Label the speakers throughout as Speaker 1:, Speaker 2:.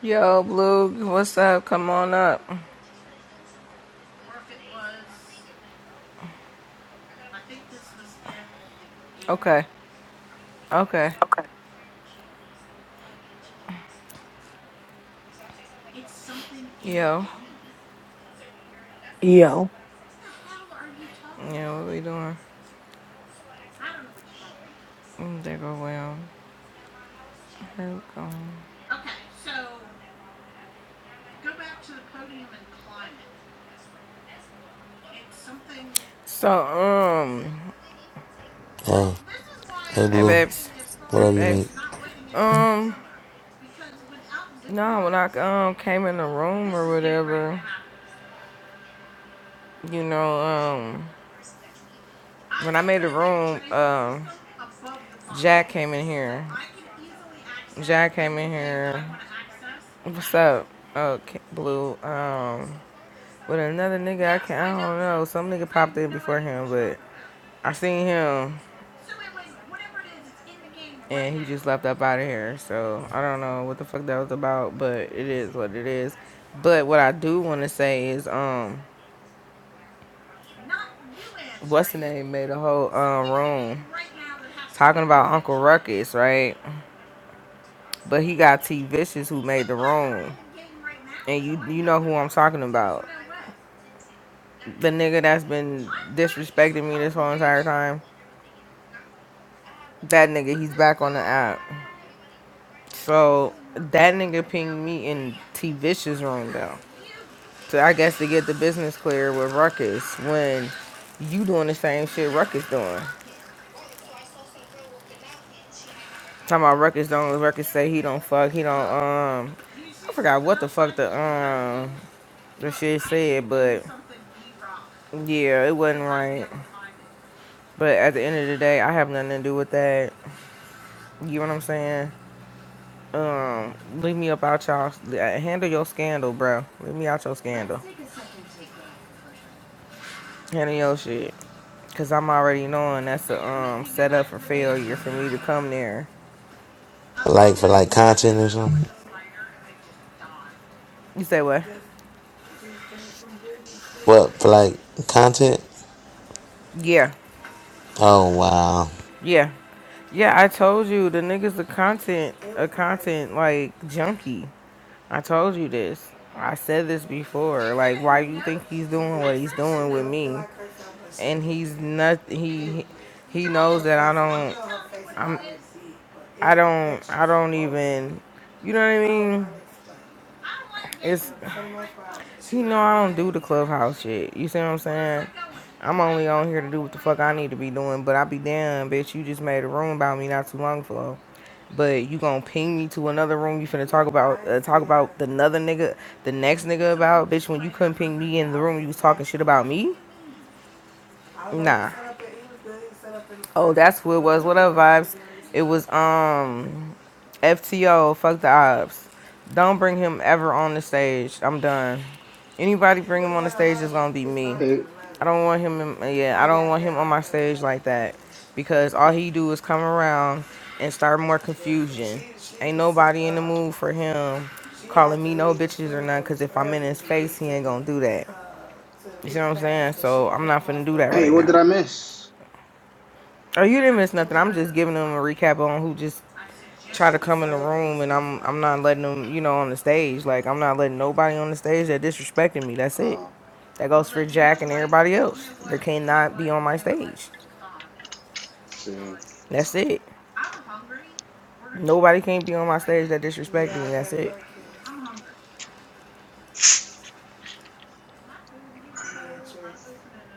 Speaker 1: Yo, Blue, what's up? Come on up. Okay, okay.
Speaker 2: Okay.
Speaker 1: Yo,
Speaker 2: Yo.
Speaker 1: yeah, what we doing? Mm, There go well. Here we go. So, um,
Speaker 3: Hey, hey,
Speaker 1: hey,
Speaker 3: Blue.
Speaker 1: babes. Hey,
Speaker 3: Whatever you
Speaker 1: babes.
Speaker 3: need.
Speaker 1: Um, no, when I um came in the room or whatever, you know, um, When I made the room, um, Jack came in here. Jack came in here. What's up? Oh, Blue. Um, with another nigga, I can not I don't know. Some nigga popped in before him, but I seen him, and he just left up out of here. So I don't know what the fuck that was about, but it is what it is. But what I do want to say is, um what's the name made a whole um room talking about Uncle Ruckus, right? But he got T Vicious who made the room. And you you know who I'm talking about. The nigga that's been disrespecting me this whole entire time. That nigga, he's back on the app. So that nigga pinged me in T Vicious room though. So I guess to get the business clear with Ruckus when you doing the same shit Ruckus doing. Talking about records don't records say he don't fuck. He don't um I forgot what the fuck the um the shit said, but yeah, it wasn't right. But at the end of the day, I have nothing to do with that. You know what I'm saying? Um, leave me up out y'all. Handle your scandal, bro. Leave me out your scandal. Handle your shit. Cause I'm already knowing that's a um setup for failure for me to come there.
Speaker 3: Like for like content or something.
Speaker 1: You say what?
Speaker 3: What for like content?
Speaker 1: Yeah.
Speaker 3: Oh wow.
Speaker 1: Yeah. Yeah, I told you the nigga's a content a content like junkie. I told you this. I said this before. Like why you think he's doing what he's doing with me? And he's not he he knows that I don't I'm I don't I don't even you know what I mean? It's See, no, I don't do the clubhouse shit. You see what I'm saying? I'm only on here to do what the fuck I need to be doing, but I be damn, bitch. You just made a room about me not too long ago, but you gonna ping me to another room? You finna talk about uh, talk about the another nigga, the next nigga about bitch when you couldn't ping me in the room you was talking shit about me? Nah, Oh, that's what it was. What up, vibes? It was um FTO, fuck the ops. Don't bring him ever on the stage. I'm done. Anybody bring him on the stage is gonna be me.
Speaker 4: Hey,
Speaker 1: I don't want him in, yeah, I don't want him on my stage like that. Because all he do is come around and start more confusion. Ain't nobody in the mood for him calling me no bitches or none, cause if I'm in his face, he ain't gonna do that. You see what I'm saying? So I'm not finna do that
Speaker 4: hey,
Speaker 1: right
Speaker 4: what did
Speaker 1: now.
Speaker 4: I miss?
Speaker 1: Oh, you didn't miss nothing. I'm just giving them a recap on who just try to come in the room, and I'm I'm not letting them, you know, on the stage. Like I'm not letting nobody on the stage that disrespected me. That's it.
Speaker 4: Oh,
Speaker 1: That goes for Jack and everybody else. They cannot be on my stage.
Speaker 4: see,
Speaker 1: That's it. Nobody can not be on my stage that disrespected me. That's it.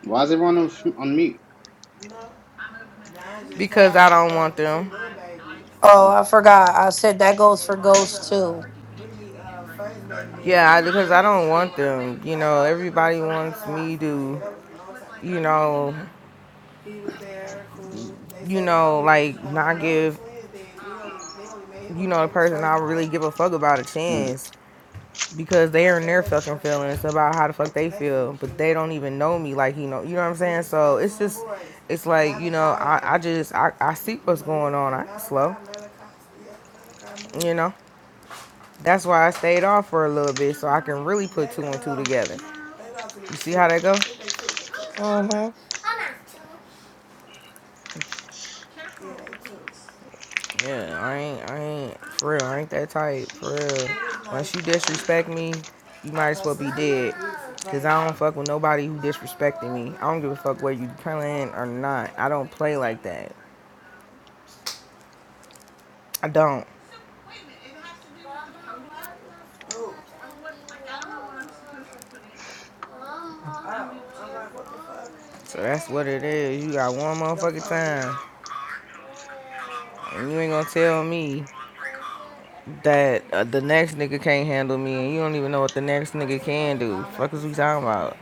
Speaker 4: why is everyone on, on mute?
Speaker 1: Because I don't want them.
Speaker 2: Oh,
Speaker 4: Oh,
Speaker 2: I forgot. I said that goes for ghosts too.
Speaker 1: Yeah, I, because I don't want them. You know, everybody wants me to, you know, you know, like not give. you know, the person I really give a fuck about a
Speaker 4: mm.
Speaker 1: chance because they are in their fucking feelings about how the fuck they feel, but they don't even know me like you know, you know what I'm saying? So it's just, it's like you know, I, I just I, I see what's going on. I ain't slow, you know. That's why I stayed off for a little bit so I can really put two and two together. You see how that go?
Speaker 2: Mm-hmm.
Speaker 1: Yeah, I ain't, I ain't, for real, I ain't that type, for real. Once you disrespect me, you might as well be dead. Cause I don't fuck with nobody who disrespecting me. I don't give a fuck where you playing or not. I don't play like that. I don't. So that's what it is. You got one motherfucking time, and you ain't gonna tell me that uh, the next nigga can't handle me, and you don't even know what the next nigga can do. Fuck is we talking about?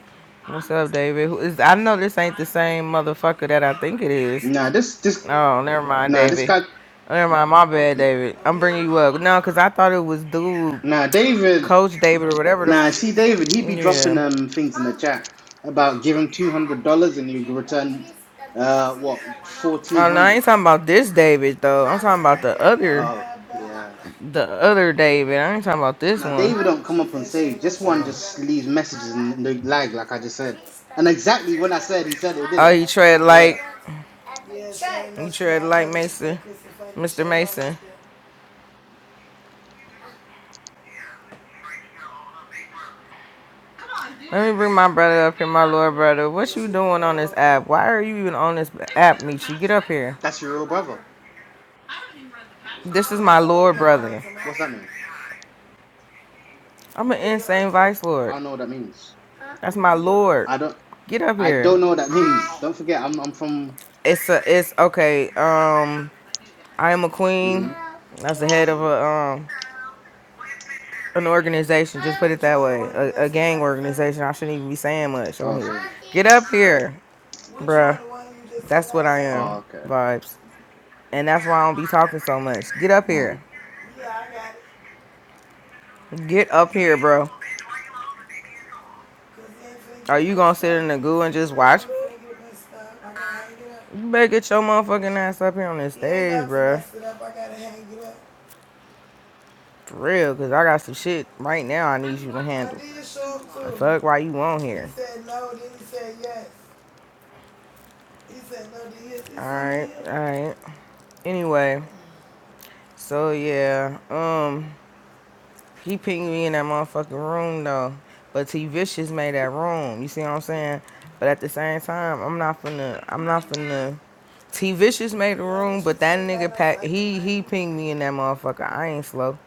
Speaker 1: What's up, David? Who is? I know this ain't the same motherfucker that I think it is.
Speaker 4: Nah, this, this,
Speaker 1: Oh, never mind,
Speaker 4: nah, this
Speaker 1: David.
Speaker 4: guy,
Speaker 1: Oh, never mind, my bad, David. I'm bringing you up. No, because I thought it was dude,
Speaker 4: nah, David,
Speaker 1: Coach David or whatever the.
Speaker 4: nah,
Speaker 1: F-
Speaker 4: see, David, he be dropping
Speaker 1: yeah.
Speaker 4: um things in the chat about give him two hundred dollars and you return, uh, what fourteen
Speaker 1: Oh, no, I
Speaker 4: hundred?
Speaker 1: ain't talking about this David, though. I'm talking about the other,
Speaker 4: Oh, yeah.
Speaker 1: the other David. I ain't talking about this
Speaker 4: Now
Speaker 1: one.
Speaker 4: David don't come up on stage. This one just leaves messages and they lag, like I just said. And exactly when I said, he said they did
Speaker 1: Oh,
Speaker 4: it.
Speaker 1: you tread
Speaker 4: Yeah,
Speaker 1: like, you tread like Mason, Mr. Mason. Let me bring my brother up here, my lord brother. What you doing on this app? Why are you even on this app, Michi? Get up here.
Speaker 4: that's your real brother.
Speaker 1: This is my lord brother.
Speaker 4: What's that mean?
Speaker 1: I'm an insane vice lord.
Speaker 4: I don't know what that means.
Speaker 1: That's my lord.
Speaker 4: I don't.
Speaker 1: Get up
Speaker 4: I
Speaker 1: here.
Speaker 4: don't know what that means. Don't forget, I'm I'm from.
Speaker 1: It's a, it's okay. Um, I am a queen.
Speaker 4: hmm
Speaker 1: That's the head of a um an organization. Just put it that way, a, a gang organization. I shouldn't even be saying much on
Speaker 4: Oh,
Speaker 1: here.
Speaker 4: sorry.
Speaker 1: Get up here, bruh. That's what I
Speaker 4: Oh,
Speaker 1: am.
Speaker 4: okay.
Speaker 1: Vibes, and that's why I don't be talking so much. Get up
Speaker 4: Oh.
Speaker 1: here. Get up here, bro. Are you gonna sit in the goo and just watch me? You better get your motherfucking ass up here on this stage, bruh. For real, cause I got some shit right now I need you to handle. The fuck why you on here? He said no, then he said yes. He said no, then he said yes. Alright, alright. Anyway, so yeah, um, He pinged me in that motherfucking room though. But T Vicious made that room. You see what I'm saying? But at the same time, I'm not finna I'm not finna T Vicious made the room, but that nigga pack he he pinged me in that motherfucker. I ain't slow.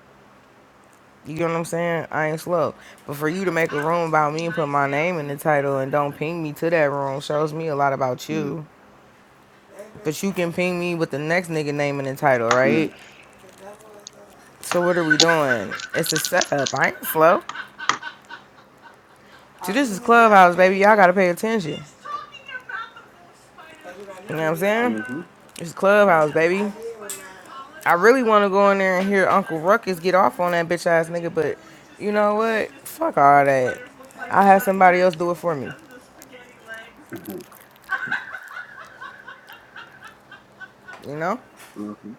Speaker 1: You get what I'm saying? I ain't slow. But for you to make a room about me and put my name in the title and don't ping me to that room shows me a lot about
Speaker 4: Mm.
Speaker 1: you. But you can ping me with the next nigga name in the title, right?
Speaker 4: Mm.
Speaker 1: So what are we doing? It's a setup. I ain't slow. See, this is Clubhouse, baby. Y'all gotta pay attention. You know what I'm saying?
Speaker 4: Mm-hmm.
Speaker 1: This is Clubhouse, baby. I really wanna go in there and hear Uncle Ruckus get off on that bitch ass nigga, but you know what? Fuck all that. I had somebody else do it for me,
Speaker 4: Mm-hmm.
Speaker 1: you know?
Speaker 4: Mm-hmm.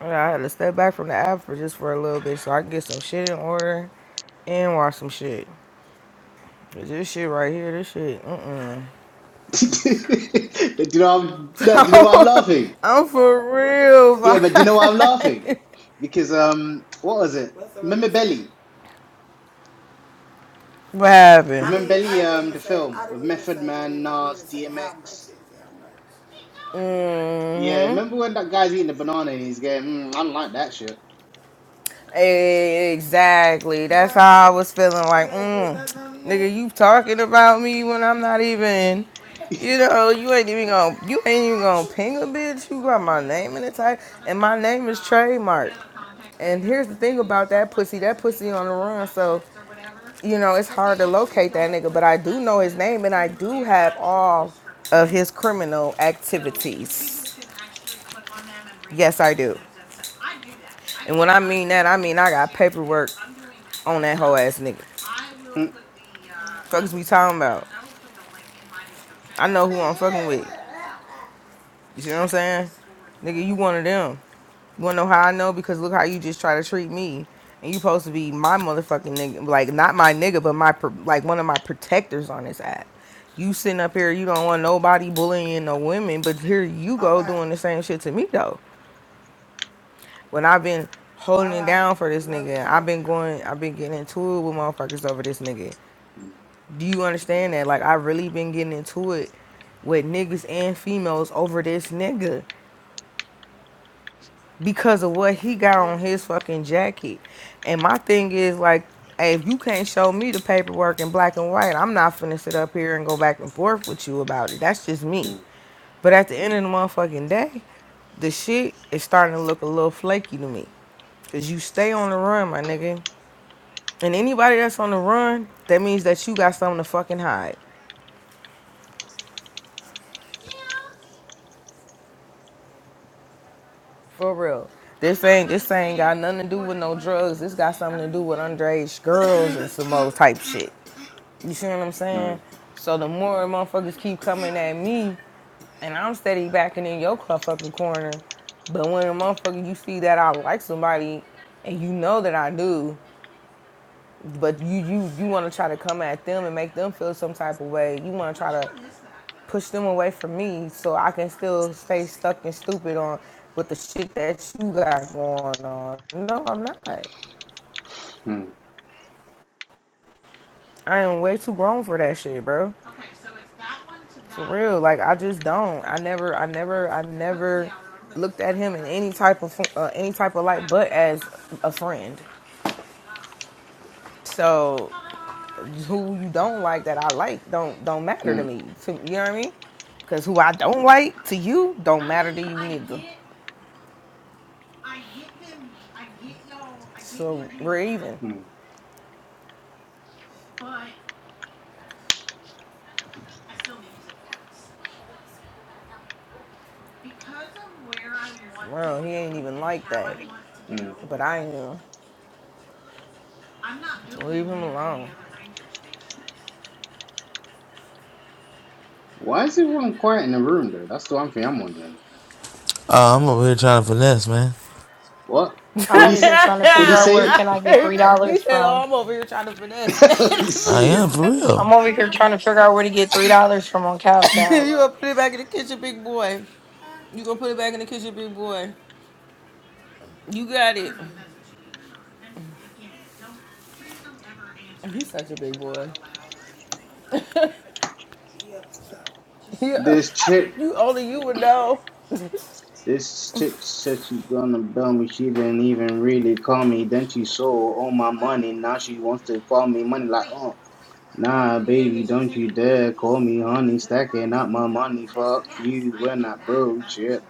Speaker 1: And I had to step back from the app for just for a little bit so I can get some shit in order and watch some shit. 'Cause This shit right here, this shit, mm-mm.
Speaker 4: do you know I'm, no, do you know why I'm laughing?
Speaker 1: I'm for real,
Speaker 4: Yeah, but do you know why I'm laughing?
Speaker 1: vibe.
Speaker 4: Because um, what was it? Remember Belly?
Speaker 1: What happened?
Speaker 4: You remember Belly? Um, the film with Method
Speaker 1: it
Speaker 4: Man, Nas, DMX.
Speaker 1: much?
Speaker 4: Yeah, remember when that guy's eating the banana and he's going, mm, "I don't like that shit."
Speaker 1: Mm-hmm. E-, Exactly. That's how I was feeling like, mm, nigga, you talking about me when I'm not even you know, you ain't even gonna you ain't even gonna ping a bitch. You got my name in the title and my name is trademark. And here's the thing about that pussy, that pussy on the run, so you know, it's hard to locate that nigga, but I do know his name and I do have all of his criminal activities. Yes, I do. And when I mean that, I mean I got paperwork on that whole ass nigga.
Speaker 4: Mm,
Speaker 1: Fuck is we talking about? I know who I'm fucking with. You see what I'm saying? Nigga, you one of them. You wanna know how I know? Because look how you just try to treat me. And you supposed to be my motherfucking nigga. Like, not my nigga, but my, pro- like, one of my protectors on this app. You sitting up here, you don't want nobody bullying no women, but here you go doing the same shit to me, though. When I've been holding it down for this nigga, I've been going, I've been getting into it with motherfuckers over this nigga. Do you understand that? Like, I've really been getting into it with niggas and females over this nigga. because of what he got on his fucking jacket. And my thing is like, hey, if you can't show me the paperwork in black and white, I'm not finna sit up here and go back and forth with you about it. That's just me.
Speaker 4: mm,
Speaker 1: But at the end of the motherfucking day, the shit is starting to look a little flaky to me. Cause you stay on the run, my nigga. And anybody that's on the run, that means that you got something to fucking hide. For real. This ain't this ain't got nothing to do with no drugs. This got something to do with underage girls and some old type shit. You see what I'm saying?
Speaker 4: mm,
Speaker 1: So the more motherfuckers keep coming at me, and I'm steady backing in your cu- fucking corner. But when a motherfucker you see that I like somebody, and you know that I do, but you you you want to try to come at them and make them feel some type of way. You want to try to push them away from me so I can still stay stuck and stupid on with the shit that you got going on. No, I'm not.
Speaker 4: mm,
Speaker 1: I am way too grown for that shit, bro. Okay, so it's that one to that. For real, like I just don't. I never, I never, I never looked at him in any type of uh, any type of light, but as a friend. So who you don't like that I like don't don't matter to
Speaker 4: mm,
Speaker 1: me. To, you know what I mean? Because who I don't like to you don't matter to you neither. So we're even.
Speaker 4: mm,
Speaker 1: Well, he ain't even like that,
Speaker 4: mm.
Speaker 1: but I am. Leave him alone.
Speaker 4: Why is everyone quiet in the room though? That's the one thing I'm wondering.
Speaker 3: Oh, I'm over here trying to finesse, man.
Speaker 4: What?
Speaker 2: I'm
Speaker 4: Would he?
Speaker 2: over
Speaker 4: s-
Speaker 2: here trying to
Speaker 4: Would
Speaker 2: figure
Speaker 4: he
Speaker 2: out where
Speaker 4: say?
Speaker 2: can I get three
Speaker 1: he
Speaker 2: dollars
Speaker 1: said, "Oh,
Speaker 2: from.
Speaker 1: I'm over here trying to finesse, man."
Speaker 3: I
Speaker 4: See,
Speaker 3: am for real.
Speaker 2: I'm over here trying to figure out where to get three dollars from on Cash App.
Speaker 1: you gonna put it back in the kitchen, big boy. You gonna put it back in the kitchen, big boy. You got it. He's such a big boy. Yeah,
Speaker 4: this chick,
Speaker 1: you, only you would know,
Speaker 4: this chick said she gonna bail me. She didn't even really call me. Then she stole all my money. Now she wants to call me money. Like, oh, nah, baby, don't you dare call me honey. Stacking up my money. Fuck you. We're not bullshit.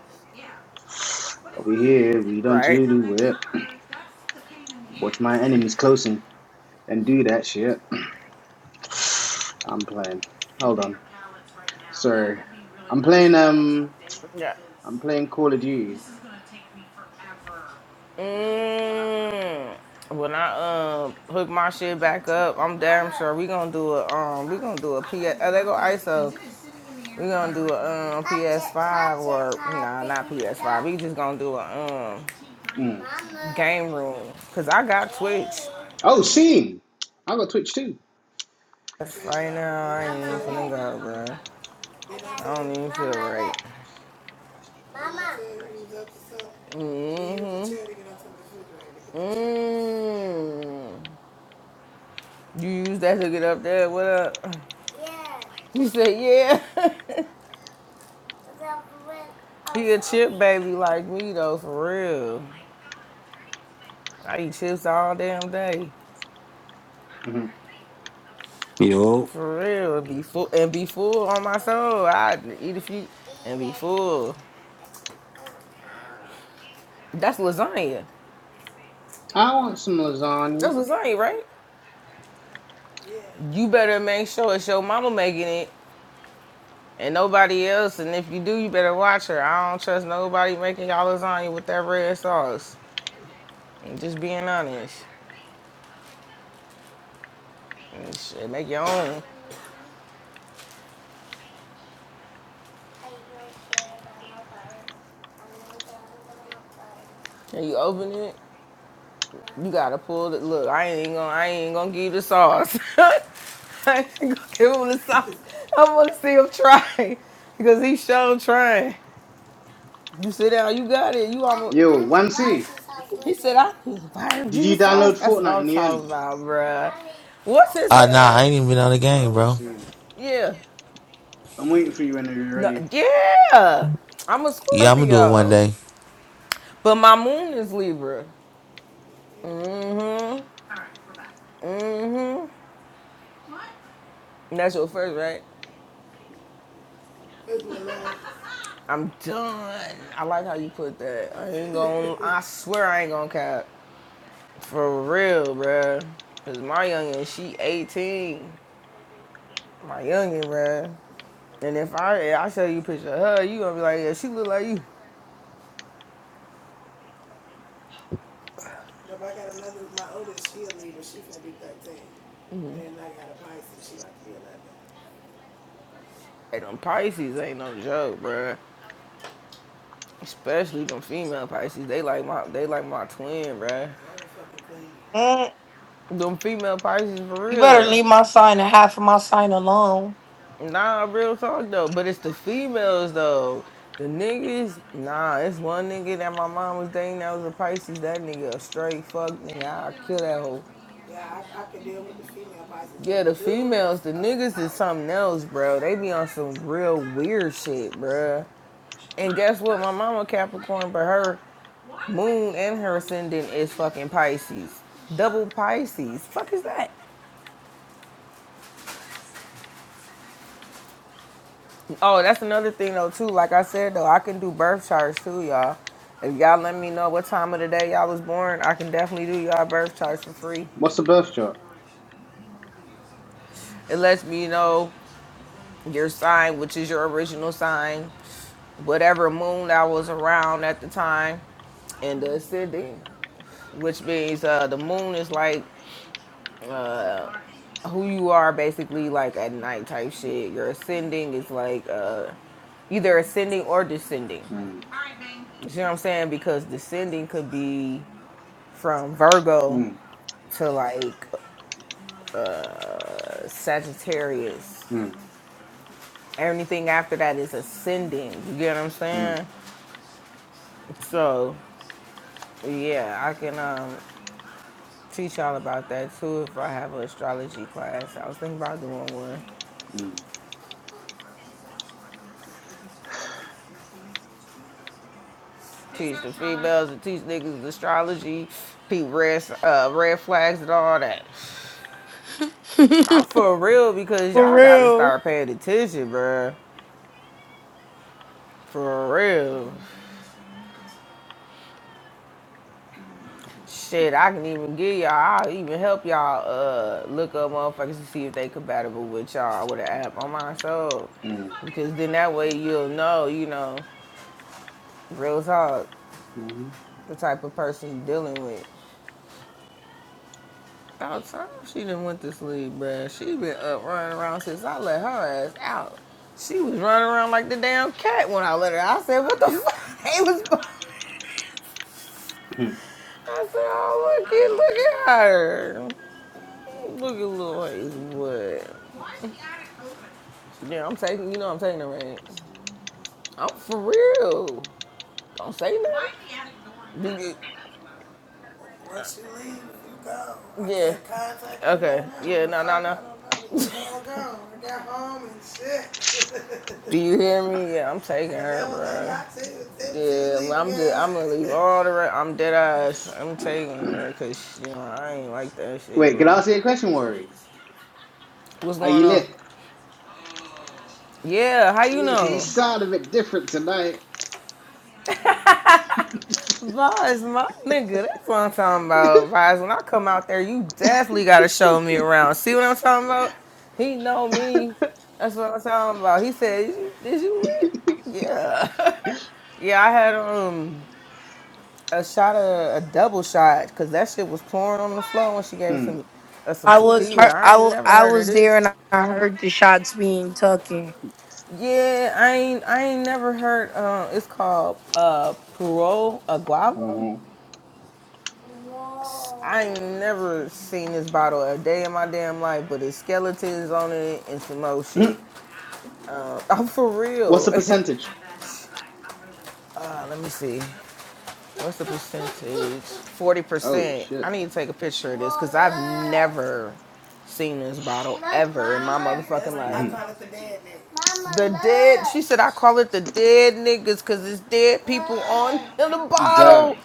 Speaker 4: Over here, we don't
Speaker 1: right?
Speaker 4: do it. Watch my enemies close and, and do that shit. I'm playing. Hold on. Sorry, I'm playing. Um,
Speaker 1: Yeah.
Speaker 4: I'm playing Call of Duty.
Speaker 1: Mm. When I um hook my shit back up, I'm damn sure we gonna do a um we gonna do a PS. Oh, they go ISO. We gonna do a um PS5 or nah, not PS5. We just gonna do a um
Speaker 4: Mm.
Speaker 1: game room. Cause I got Twitch.
Speaker 4: Oh, Steam. I got Twitch too.
Speaker 1: That's Right now, I ain't even finna go, bro. I don't even feel right. Mm-hmm. Mm. You use that to get up there. What up? You said yeah. he a chip baby like me though, for real. I eat chips all damn day,
Speaker 4: hmm
Speaker 5: Yo,
Speaker 1: for real. Be full and be full on my soul. I eat a few and be full. That's lasagna.
Speaker 4: I want some lasagna.
Speaker 1: That's lasagna, right? You better make sure it's your mama making it and nobody else. And if you do, you better watch her. I don't trust nobody making y'all lasagna with that red sauce. I'm just being honest. And Shit, make your own. And you open it, you gotta pull it. Look, I ain't even gonna, I ain't even gonna give you the sauce. I ain't gonna give him the sauce. I wanna see him try because he sure trying. You sit down, you got it. You almost.
Speaker 4: Yo,
Speaker 1: I
Speaker 4: one
Speaker 1: need barbecue sauce. He said, I need
Speaker 4: Did
Speaker 1: barbecue
Speaker 4: you
Speaker 1: sauce.
Speaker 4: download
Speaker 1: That's what
Speaker 4: Fortnite
Speaker 1: I'm
Speaker 4: in the
Speaker 1: talking
Speaker 4: end?
Speaker 1: about, bruh. What's his
Speaker 3: Uh, nah, I
Speaker 1: name?
Speaker 3: ain't even been on the game,
Speaker 4: Oh,
Speaker 3: bro.
Speaker 4: see.
Speaker 1: Yeah.
Speaker 4: I'm waiting for you when you're
Speaker 1: No,
Speaker 4: ready.
Speaker 1: yeah, I'm a
Speaker 3: Yeah, I'm gonna do it one
Speaker 1: Scorpio,
Speaker 3: day.
Speaker 1: but my moon is Libra. Mm-hmm. Mm-hmm. And that's your first, right? I'm done. I like how you put that. I ain't gonna. I swear I ain't gonna cap. For real, bruh. Cause my youngin, she 18. My youngin, bruh. And if I if I show you a picture of her, you gonna be like, yeah, she look like you. Hey, them Pisces ain't no joke, bruh. Especially them female Pisces. They like my they like my twin, bruh.
Speaker 2: Mm,
Speaker 1: Them female Pisces for
Speaker 2: you better
Speaker 1: real.
Speaker 2: leave my sign and half of my sign alone.
Speaker 1: Nah, real talk though. But it's the females though. The niggas, nah, it's one nigga that my mom was dating that was a Pisces. That nigga a straight fuck nigga. I kill that hoe. Yeah, the females, the niggas is something else, bro. They be on some real weird shit, bro. And guess what? My mama Capricorn, but her moon and her ascendant is fucking Pisces. Double Pisces. Fuck is that? Oh, that's another thing though too. Like I said though, I can do birth charts too, y'all. If y'all let me know what time of the day y'all was born, I can definitely do y'all birth charts for free.
Speaker 4: What's the birth chart?
Speaker 1: It lets me know your sign, which is your original sign, whatever moon that was around at the time, and the ascending, which means uh, the moon is like who you are basically like at night type shit. Your ascending is like uh, either ascending or descending.
Speaker 4: Mm.
Speaker 1: You see what I'm saying? Because descending could be from Virgo
Speaker 4: Mm.
Speaker 1: to like uh, Sagittarius.
Speaker 4: Mm.
Speaker 1: Anything after that is ascending. You get what I'm
Speaker 4: Mm.
Speaker 1: saying? So yeah, I can um, teach y'all about that too if I have an astrology class. I was thinking about doing one.
Speaker 4: Mm.
Speaker 1: Teach the females and teach niggas astrology, peep red uh, red flags and all that. I'm for real because
Speaker 2: For
Speaker 1: y'all gotta
Speaker 2: real.
Speaker 1: start paying attention, bruh. For real. Shit, I can even give y'all. I'll even help y'all uh look up motherfuckers to see if they compatible with y'all with an app on my soul.
Speaker 4: Mm.
Speaker 1: Because then that way you'll know, you know, real talk,
Speaker 4: Mm.
Speaker 1: the type of person you dealing with. About time she done went to sleep, bruh. She been up running around since I let her ass out. She was running around like the damn cat when I let her. out. I said, what the fuck? It was.
Speaker 4: Mm.
Speaker 1: I said, oh, look at, look at her. Look at little Hazelwood. Yeah, I'm taking. You know, I'm taking the reins. I'm for real. Don't say nothing. Yeah. Okay. Yeah. No. No. No. do Do you hear me? Yeah, I'm taking her, bro. Yeah, I'm just, I'm gonna leave all the rest. I'm dead ass. I'm taking her, cause you know I ain't like that shit,
Speaker 4: Wait, can
Speaker 1: bro.
Speaker 4: I ask you a question, Worry?
Speaker 1: What's
Speaker 4: Are
Speaker 1: going
Speaker 4: you
Speaker 1: on?
Speaker 4: lit?
Speaker 1: Yeah, how you
Speaker 4: Yeah, because you
Speaker 1: know?
Speaker 4: sound a bit different tonight.
Speaker 1: Vaz, my nigga, that's what I'm talking about. Vaz, when I come out there, you definitely gotta show me around. See what I'm talking about? He know me. That's what I'm talking about. He said, "Is you- "Did you win?" Yeah, yeah. I had um a shot of a double shot because that shit was pouring on the floor when she gave me
Speaker 4: mm.
Speaker 1: some uh, some
Speaker 2: I was
Speaker 1: tequila.
Speaker 2: hurt.
Speaker 1: I
Speaker 2: I,
Speaker 1: ain't
Speaker 2: wa-
Speaker 1: never
Speaker 2: I
Speaker 1: heard of
Speaker 2: was there
Speaker 1: this.
Speaker 2: and I heard the shots being taken.
Speaker 1: Yeah, I ain't I ain't never heard. Um, it's called uh Puro Aguava.
Speaker 4: hmm
Speaker 1: I ain't never seen this bottle a day in my damn life, but it's skeletons on it and some old shit. Uh, I'm for
Speaker 4: What's
Speaker 1: real.
Speaker 4: the percentage?
Speaker 1: uh, let me see. What's the percentage?
Speaker 4: Oh
Speaker 1: 40%.
Speaker 4: shit.
Speaker 1: I need to take a picture of this because I've never seen this bottle ever in my motherfucking life.
Speaker 4: Mhm.
Speaker 1: The dead, she said, I call it the dead niggas because it's dead people on the
Speaker 4: The
Speaker 1: bottle.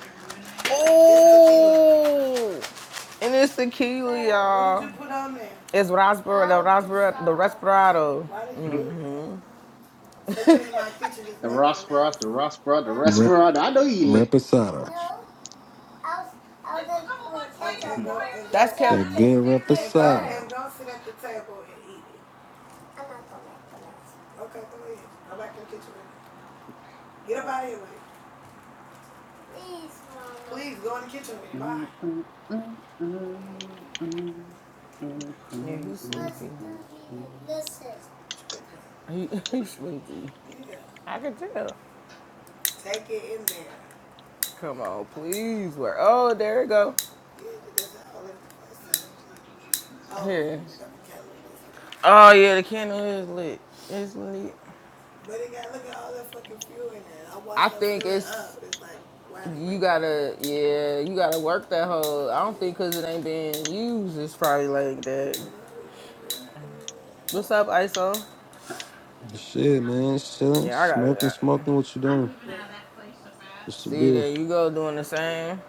Speaker 1: Oh. And it's tequila, y'all. It's raspberry, the raspberry, the respirado.
Speaker 4: mhm.
Speaker 1: Mm hmm.
Speaker 4: the Rossborough, the Rossborough, the
Speaker 5: rep,
Speaker 4: Rossborough. I know you lit.
Speaker 5: reposado.
Speaker 4: Mhm.
Speaker 1: That's kept.
Speaker 5: That good reposado.
Speaker 4: Mm, mm, mm, mm, mm, mm, mm,
Speaker 1: Yeah,
Speaker 4: mm,
Speaker 1: he's sleepy.
Speaker 4: mm,
Speaker 1: He, he's sleepy. I can tell. Come on, please. Where? Oh, there it go. Here. Oh yeah, the candle is lit. It's lit. I think it's you gotta yeah you gotta work that whole i don't think because it ain't being used it's probably like that
Speaker 4: mm.
Speaker 1: what's up iso
Speaker 5: Shit, man. Chilling,
Speaker 1: yeah i
Speaker 5: smoking,
Speaker 1: gotta
Speaker 5: smoking. What you doing? What's the
Speaker 1: see
Speaker 5: beer?
Speaker 1: there you go doing the same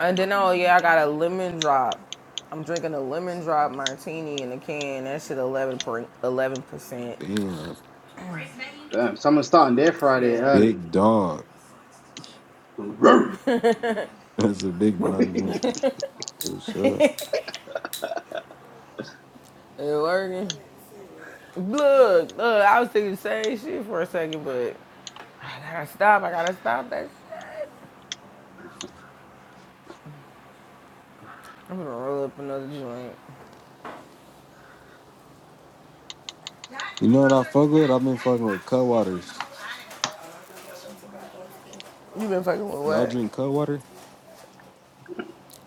Speaker 1: and then oh yeah i got a lemon drop i'm drinking a lemon drop martini in a can that shit 11 per 11 percent
Speaker 5: Damn,
Speaker 4: Damn, someone's starting their Friday
Speaker 1: yeah
Speaker 4: early.
Speaker 5: big dog.
Speaker 4: Roar.
Speaker 5: That's a big dog drink. Yes, sir.
Speaker 1: it working Look, look, I was thinking the same shit for a second, but I gotta stop. I gotta stop that shit. I'm gonna roll up another joint.
Speaker 5: You know what I fuck with? I've been fucking with cut waters.
Speaker 1: You been fucking with
Speaker 5: Y'all
Speaker 1: what?
Speaker 5: drink cut water?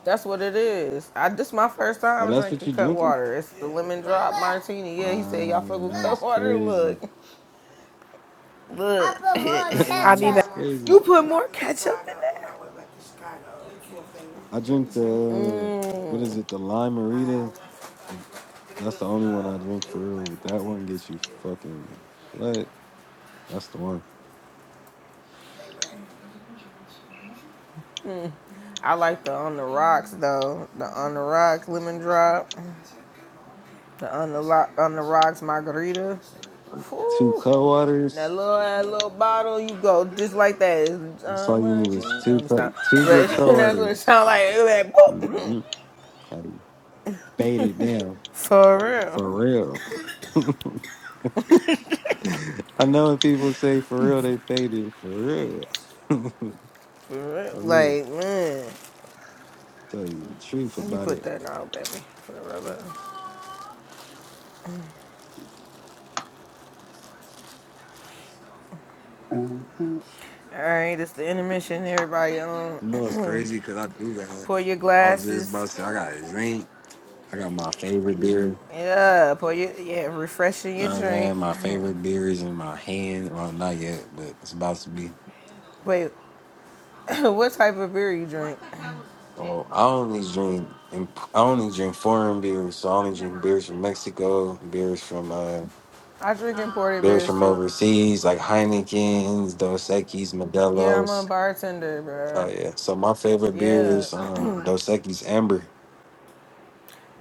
Speaker 1: That's what it is. I this my first
Speaker 5: Oh,
Speaker 1: time
Speaker 5: that's what
Speaker 1: drinking
Speaker 5: you
Speaker 1: cut
Speaker 5: drinking?
Speaker 1: water. It's the lemon drop martini. Yeah, he said
Speaker 5: Wow,
Speaker 1: y'all fuck with cut
Speaker 5: that's
Speaker 1: water.
Speaker 5: crazy.
Speaker 1: Look, look. I put more
Speaker 2: I'll be back.
Speaker 5: that's
Speaker 1: ketchup.
Speaker 5: crazy.
Speaker 1: you put more ketchup in that?
Speaker 5: I drink the what is
Speaker 1: Mmm.
Speaker 5: it? The limerita. The- That's the only one I drink for real. But that one gets you fucking what? That's the one.
Speaker 1: I like the on the rocks though. The on the rocks lemon drop. The on the lock on the rocks margarita.
Speaker 5: Two
Speaker 1: Whew. That
Speaker 5: co-waters.
Speaker 1: little that little bottle, you go just like that. It's,
Speaker 5: That's
Speaker 1: uh,
Speaker 5: all you
Speaker 1: my
Speaker 5: need is two
Speaker 1: Let me
Speaker 5: co-
Speaker 1: stop.
Speaker 5: two
Speaker 1: But
Speaker 5: good
Speaker 1: that's what it
Speaker 5: co-waters.
Speaker 1: sounds like. It was like boop.
Speaker 5: Mm-hmm. I bait it down
Speaker 1: For
Speaker 5: for
Speaker 1: real.
Speaker 5: real. I know when people say for real, they faded for real. I
Speaker 1: For real.
Speaker 5: mean,
Speaker 1: Like, man.
Speaker 5: tell you the truth
Speaker 1: You
Speaker 5: about
Speaker 1: put
Speaker 5: it.
Speaker 1: that out, baby. For the rubber.
Speaker 4: Mm, mm,
Speaker 1: Alright, it's the intermission, everybody. Um
Speaker 5: You know it's crazy because I do that.
Speaker 1: pour your
Speaker 5: I was just about
Speaker 1: glasses.
Speaker 5: to say I got a drink. I got my favorite beer.
Speaker 1: Yeah, pour your yeah, refreshing
Speaker 5: You know
Speaker 1: your
Speaker 5: what I'm
Speaker 1: drink.
Speaker 5: saying? My favorite beer is in my hand. Well, not yet, but it's about to be.
Speaker 1: Wait, what type of beer you drink?
Speaker 5: So I only drink imp- I only drink foreign beers. So I only drink beers from Mexico, beers from uh
Speaker 1: I drink imported
Speaker 5: beers
Speaker 1: beers
Speaker 5: from
Speaker 1: too.
Speaker 5: overseas, like Heineken's, Dos Equis,
Speaker 1: Yeah, I'm a
Speaker 5: Modelo's.
Speaker 1: bartender, bro.
Speaker 5: Oh yeah. So my favorite beer
Speaker 1: Yeah,
Speaker 5: is um Dos Equis Amber.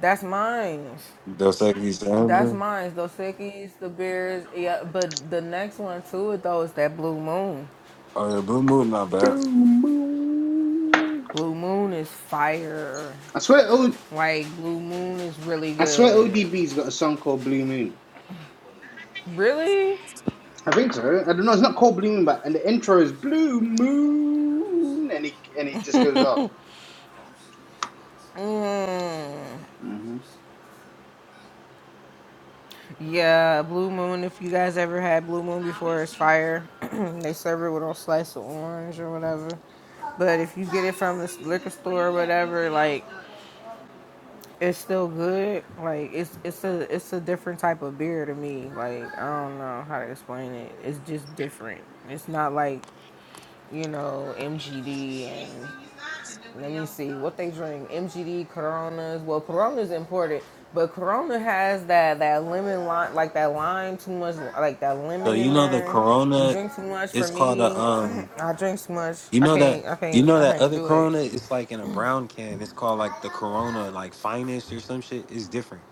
Speaker 1: that's mine.
Speaker 5: Dos Equis
Speaker 1: That's
Speaker 5: Amber.
Speaker 1: mine. Those sickies, the beers. Yeah, but the next one to it though is that Blue Moon.
Speaker 5: Oh yeah, Blue Moon not bad.
Speaker 4: Blue Moon.
Speaker 1: Blue Moon is fire.
Speaker 4: I swear, o-
Speaker 1: Like Blue Moon is really
Speaker 4: I swear,
Speaker 1: good.
Speaker 4: ODB's got a song called Blue Moon.
Speaker 1: Really?
Speaker 4: I think so. I don't know. It's not called Blue Moon, but and the intro is Blue Moon, and it and it just goes off.
Speaker 1: Mm.
Speaker 4: hmm
Speaker 1: Yeah, Blue Moon. If you guys ever had Blue Moon before, it's fire. they serve it with a slice of orange or whatever. But if you get it from the liquor store or whatever, like It's still good. Like it's it's a it's a different type of beer to me. Like I don't know how to explain it. It's just different. It's not like you know MGD and let me see what they drink. MGD Coronas. Well, Corona's imported, but Corona has that that lemon lime, like that lime too much, like that
Speaker 5: So
Speaker 1: lemon
Speaker 5: you
Speaker 1: in
Speaker 5: know the
Speaker 1: there. You
Speaker 5: Corona
Speaker 1: drink too much. For
Speaker 5: it's called a
Speaker 1: me,
Speaker 5: um
Speaker 1: I drink too much.
Speaker 5: You
Speaker 1: I
Speaker 5: know that
Speaker 1: can't. I
Speaker 5: you
Speaker 1: can't.
Speaker 5: know
Speaker 1: I
Speaker 5: that
Speaker 1: can't
Speaker 5: other
Speaker 1: do it.
Speaker 5: Corona is like in a brown can. It's called like the Corona like finest or some shit. It's different.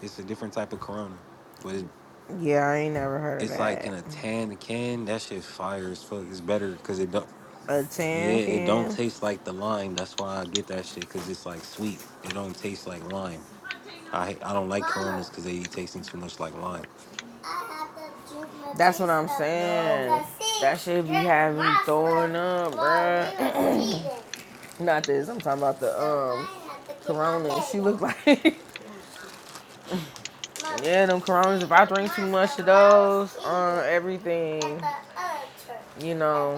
Speaker 5: It's a different type of Corona, but it,
Speaker 1: Yeah, I ain't never heard of
Speaker 5: it's like in
Speaker 1: that.
Speaker 5: a tan can. That shit fire as fuck. It's better because it don't.
Speaker 1: A
Speaker 5: Yeah,
Speaker 1: tan
Speaker 5: it don't
Speaker 1: can.
Speaker 5: taste like the lime. That's why I get that shit because it's like sweet. It don't taste like lime. I I don't like Coronas because they be tasting too much like lime.
Speaker 1: That's what I'm saying. That shit be having me throwing up,
Speaker 5: Mm.
Speaker 1: bruh. Not this. I'm talking about the um Corona. She look like yeah, them Coronas. If I drink too much of those, uh, everything, you know,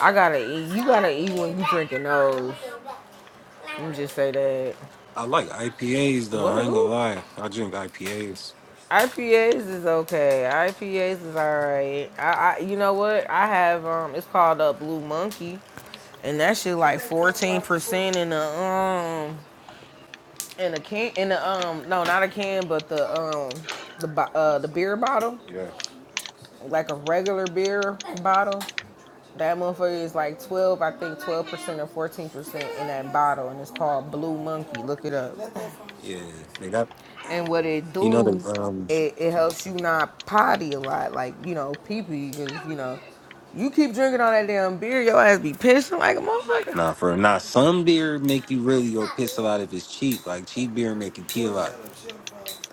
Speaker 1: I gotta eat. You gotta eat when you drinking those. Let me just say that.
Speaker 5: I like IPAs though. I
Speaker 1: What?
Speaker 5: ain't gonna
Speaker 1: Who?
Speaker 5: lie. I drink IPAs.
Speaker 1: IPAs is okay. IPAs is alright. I, I, you know what? I have um, it's called a Blue Monkey, and that shit like fourteen percent in the um in a can in the um no not a can but the um the bo- uh the beer bottle
Speaker 5: Yeah.
Speaker 1: like a regular beer bottle. That motherfucker is like twelve, I think twelve percent or fourteen percent in that bottle, and it's called Blue Monkey. Look it up.
Speaker 5: Yeah. They got
Speaker 1: And what it
Speaker 5: you know the
Speaker 1: do,
Speaker 5: um
Speaker 1: it, it helps you not potty a lot, like you know, pee pee, because you know, you keep drinking all that damn beer, your ass be pissing like a motherfucker.
Speaker 5: Nah, for nah, some beer make you really go piss a lot if it's cheap. Like cheap beer make you pee a lot.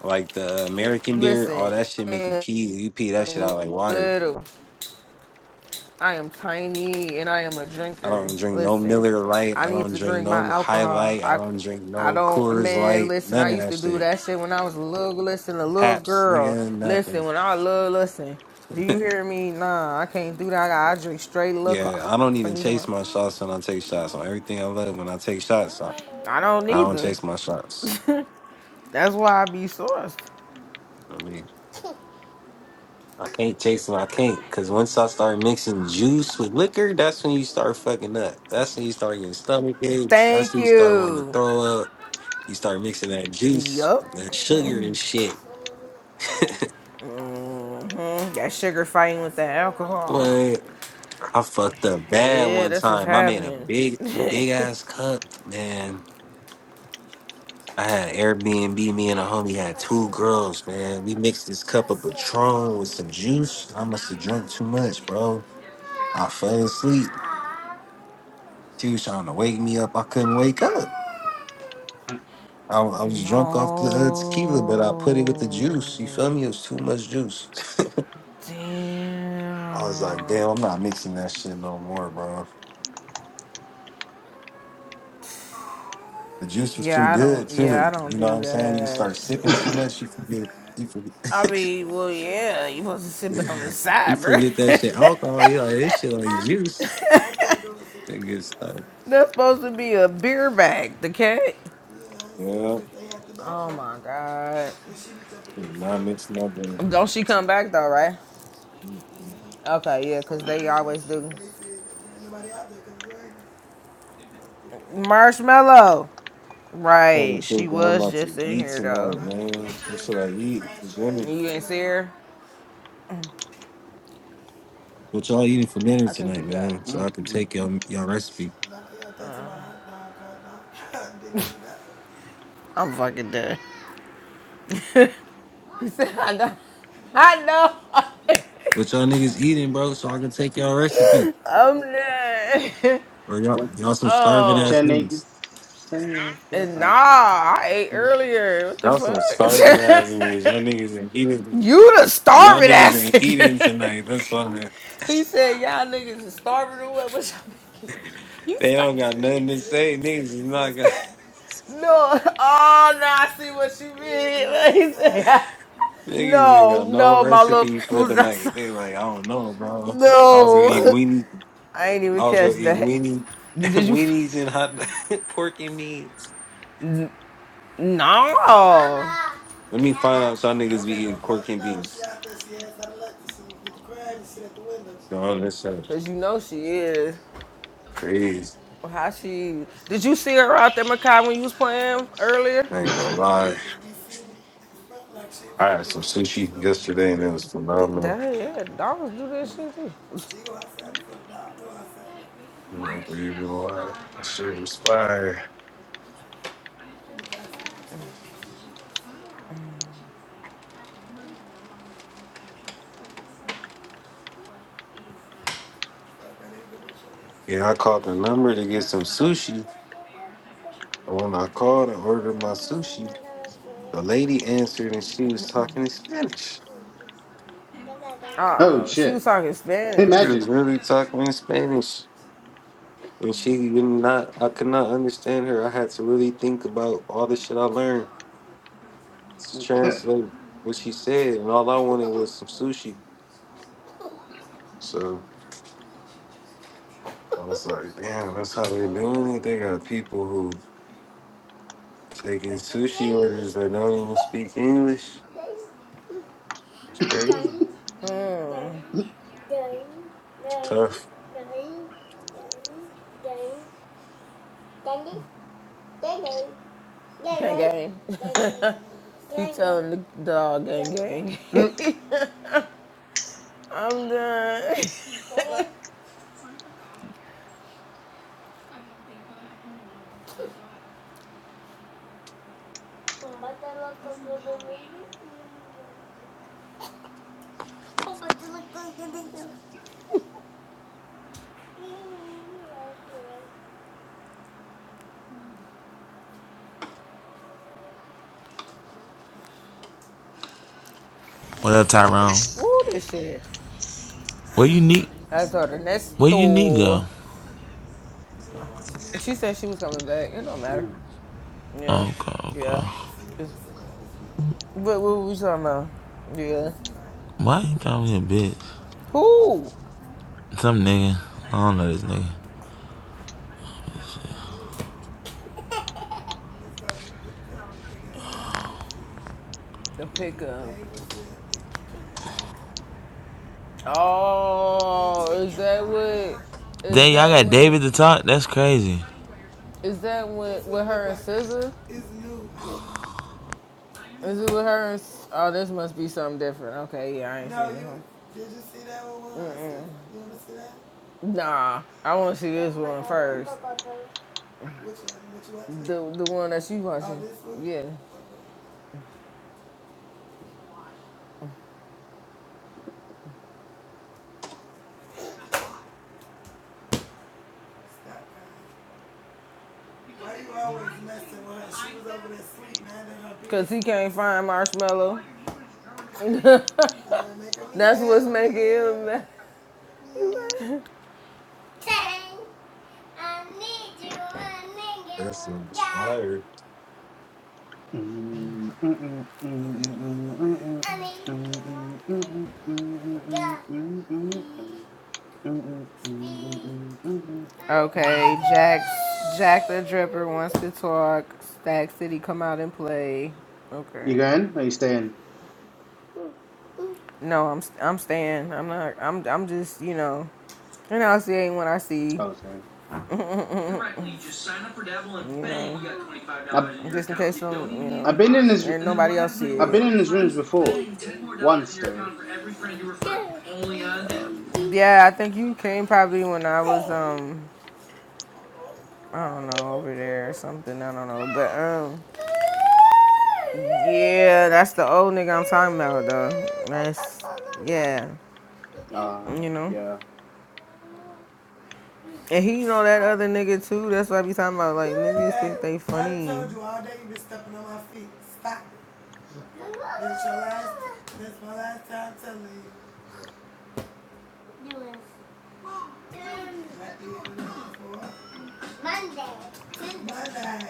Speaker 5: Like the American beer, all
Speaker 1: Listen,
Speaker 5: that shit make you
Speaker 1: I
Speaker 5: pee. You pee that shit
Speaker 1: am
Speaker 5: out like water.
Speaker 1: little, I am tiny, and I am a
Speaker 5: I
Speaker 1: drinker.
Speaker 5: don't drink no
Speaker 1: Listen,
Speaker 5: Miller Light.
Speaker 1: I
Speaker 5: I
Speaker 1: need
Speaker 5: don't
Speaker 1: to
Speaker 5: drink
Speaker 1: drink my
Speaker 5: no High
Speaker 1: alcohol.
Speaker 5: Light. I
Speaker 1: I,
Speaker 5: don't drink
Speaker 1: I
Speaker 5: no
Speaker 1: don't,
Speaker 5: Coors
Speaker 1: man.
Speaker 5: Light.
Speaker 1: Listen,
Speaker 5: None
Speaker 1: I
Speaker 5: of
Speaker 1: used
Speaker 5: that
Speaker 1: to do
Speaker 5: shit.
Speaker 1: that shit when I was a little, listen, a little
Speaker 5: Haps,
Speaker 1: girl.
Speaker 5: nigga, nothing.
Speaker 1: Listen, when I was little, listen. Do you hear me? Nah, I can't do that. I, I drink straight liquor.
Speaker 5: Yeah, I don't
Speaker 1: Fuck
Speaker 5: even
Speaker 1: you,
Speaker 5: chase my shots when I take shots. On everything I love, when I take shots, I,
Speaker 1: I don't
Speaker 5: I don't
Speaker 1: either.
Speaker 5: chase my shots.
Speaker 1: That's why I be sourced.
Speaker 5: I mean. I can't chase them. I can't because once I start mixing juice with liquor, that's when you start fucking up. That's when you start getting stomach aches. That's
Speaker 1: Thank
Speaker 5: when you start wanting to
Speaker 1: you.
Speaker 5: throw up. You start mixing that juice,
Speaker 1: Yup.
Speaker 5: that sugar
Speaker 1: hmm
Speaker 5: and shit.
Speaker 1: That sugar fighting with that alcohol.
Speaker 5: What? I fucked up bad
Speaker 1: Yeah,
Speaker 5: one
Speaker 1: that's what's
Speaker 5: time. I made a
Speaker 1: happening.
Speaker 5: big, big ass cup, man. I had Airbnb. Me and a homie had two girls, man. We mixed this cup of Patron with some juice. I must have drunk too much, bro. I fell asleep. She was trying to wake me up. I couldn't wake up. I, I was
Speaker 1: no.
Speaker 5: drunk off the uh, tequila, but I put it with the juice. You feel me? It was too much juice. I was like,
Speaker 1: Damn.
Speaker 5: damn, I'm not mixing that shit no more, bro. The juice was too
Speaker 1: Yeah, I
Speaker 5: good
Speaker 1: don't. Yeah, I
Speaker 5: too.
Speaker 1: don't
Speaker 5: You know what
Speaker 1: do
Speaker 5: I'm saying? You
Speaker 1: that.
Speaker 5: start sipping too much, you forget. You
Speaker 1: I
Speaker 5: forget.
Speaker 1: mean, well, yeah, you supposed to sip it on the
Speaker 5: you
Speaker 1: side, bro.
Speaker 5: forget that shit. Alcohol, you like this shit like juice. Nigga, start.
Speaker 1: That's supposed to be a beer bag, the cat.
Speaker 5: Yeah,
Speaker 1: Oh my god.
Speaker 5: not mixing up. And,
Speaker 1: Don't she come back though, right?
Speaker 5: mm, mm.
Speaker 1: Okay, yeah, because they always do. Marshmallow.
Speaker 5: I'm trying
Speaker 1: Right,
Speaker 5: to
Speaker 1: she
Speaker 5: think what I'm
Speaker 1: was
Speaker 5: about
Speaker 1: just
Speaker 5: to
Speaker 1: in
Speaker 5: eat
Speaker 1: here though.
Speaker 5: tonight, man. What should I eat for dinner?
Speaker 1: You my didn't see her?
Speaker 5: What y'all eating for dinner
Speaker 1: I think you
Speaker 5: tonight,
Speaker 1: got
Speaker 5: man?
Speaker 1: her.
Speaker 5: So I can
Speaker 4: Mhm.
Speaker 5: take y'all y'all recipe.
Speaker 1: I'm fucking dead. he said, I know. I know.
Speaker 5: What y'all niggas eating, bro? So I can take y'all recipe.
Speaker 1: I'm dead.
Speaker 5: Or y'all,
Speaker 4: What
Speaker 5: y'all some starving
Speaker 4: what
Speaker 5: ass
Speaker 1: oh,
Speaker 4: your
Speaker 5: niggas.
Speaker 4: niggas saying so
Speaker 1: and nah,
Speaker 4: I can
Speaker 1: I ate
Speaker 4: refuse?
Speaker 1: earlier. What
Speaker 5: Y'all some starving
Speaker 1: the
Speaker 5: ass
Speaker 1: fuck?
Speaker 5: niggas. Y'all niggas ain't eating.
Speaker 1: You the
Speaker 5: Y'all
Speaker 1: starving
Speaker 5: niggas
Speaker 1: ass
Speaker 5: ain't eating
Speaker 1: nigga.
Speaker 5: tonight. That's funny.
Speaker 1: he said, y'all niggas is starving or what? What y'all mean? You
Speaker 5: They
Speaker 1: star-
Speaker 5: don't got nothing to say. Niggas is not got.
Speaker 1: No. Oh, now I see what you mean. Like, he said,
Speaker 5: Niggas ain't got
Speaker 1: no,
Speaker 5: no
Speaker 1: no, my little
Speaker 5: recipe
Speaker 1: friend
Speaker 5: for the
Speaker 1: was
Speaker 5: night.
Speaker 1: outside.
Speaker 5: They like, I don't know, bro. I was gonna eat
Speaker 1: No.
Speaker 5: weenie.
Speaker 1: I ain't even
Speaker 5: I was
Speaker 1: catch
Speaker 5: gonna eat
Speaker 1: that.
Speaker 5: weenie,
Speaker 1: You Did you? f-
Speaker 5: weenies and hot pork and beans.
Speaker 1: N- No.
Speaker 5: Let me find out. if Y'all niggas be eating pork and beans. Y'all, that's so
Speaker 1: Because you know she is.
Speaker 5: crazy.
Speaker 1: How she. Did you see her out there, Makai, when you was playing earlier?
Speaker 5: I ain't gonna lie. I had some sushi yesterday and it was
Speaker 1: D-
Speaker 5: phenomenal.
Speaker 1: Dang, yeah, dogs do that shit too.
Speaker 5: I'm not gonna even lie. That shit was fire. Yeah, I called the number to get some sushi. And when I called and ordered my sushi, the lady answered and she was talking in Spanish.
Speaker 4: Oh
Speaker 1: Oh, she was
Speaker 4: shit.
Speaker 1: talking Spanish.
Speaker 5: She was
Speaker 4: Imagine.
Speaker 5: really talking in Spanish. And she did not I could not understand her. I had to really think about all the shit I learned to translate what she said. And all I wanted was some sushi. So I was like, damn, that's how they're doing it. They got people who Taking sushi orders that don't even speak English. It's crazy.
Speaker 1: Hmm.
Speaker 5: Tough.
Speaker 1: Gang gang. he telling the dog gang gang. I'm done.
Speaker 3: What up, Tyrone?
Speaker 1: Woo, this shit.
Speaker 3: Where you need?
Speaker 1: That's her. That's
Speaker 3: Where you need go?
Speaker 1: Thor. She said she was coming back. It don't matter. Yeah.
Speaker 3: Okay,
Speaker 1: Yeah.
Speaker 3: okay.
Speaker 1: Just, but what we talking about? Yeah.
Speaker 3: Why you call me a bitch?
Speaker 1: Who?
Speaker 3: Some nigga. I don't know this nigga.
Speaker 1: The pickup. Oh, is that what? Is
Speaker 3: Dang, y'all
Speaker 1: that
Speaker 3: got
Speaker 1: what?
Speaker 3: David to talk? That's crazy.
Speaker 1: Is that with with her and SZA? Is it with her and? Oh, this must be something different. Okay, yeah, I ain't seen one. Nah, I want to see this one first. The the one that you Oh, watching? Oh, Yeah, cause he can't find Marshmallow. That's what's making him. mad.
Speaker 5: That's inspired.
Speaker 1: Okay, Jack Jack the Dripper wants to talk. Stack City, come out and play. Okay.
Speaker 4: You going? Or you staying?
Speaker 1: No, I'm I'm staying. I'm not. I'm I'm just you know, and I'll see anyone I see.
Speaker 4: i Oh, staying.
Speaker 1: Right, You know,
Speaker 4: I've
Speaker 1: dollars just in case some you know,
Speaker 4: I've been in
Speaker 1: and
Speaker 4: this
Speaker 1: nobody else see it.
Speaker 4: I've been in these rooms before. Once though. Um
Speaker 1: Dabble. Yeah, I think you came probably when I was um I don't know over there or something. I don't know, but um yeah, that's the old nigga I'm talking about though. That's yeah,
Speaker 4: Uh,
Speaker 1: you know.
Speaker 4: yeah.
Speaker 1: And he know that other nigga too. That's what I be talking about. Like yeah. niggas think they funny. I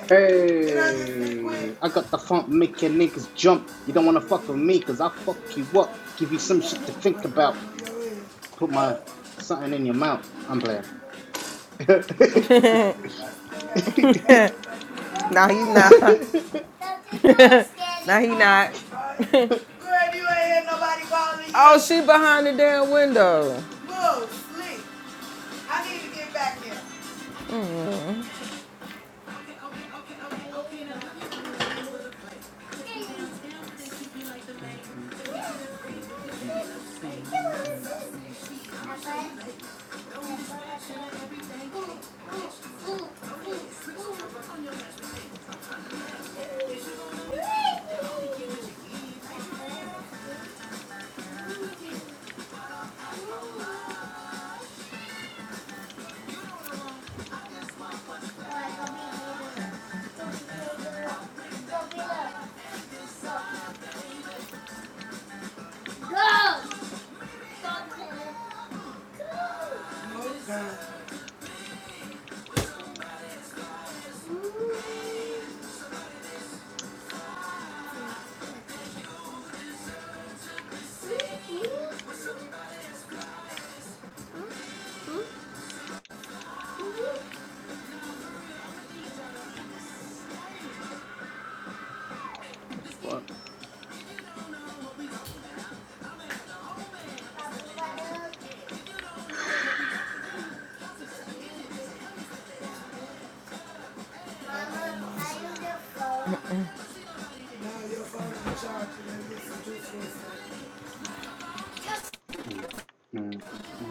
Speaker 4: Hey, I got the funk, make your niggas jump. You don't wanna fuck with me, cause I fuck you up. Give you some shit to think about. Put my something in your mouth. I'm playing.
Speaker 1: my feet. Stop. nah, he not. nah, he not. Girl, you ain't oh, she behind the damn window.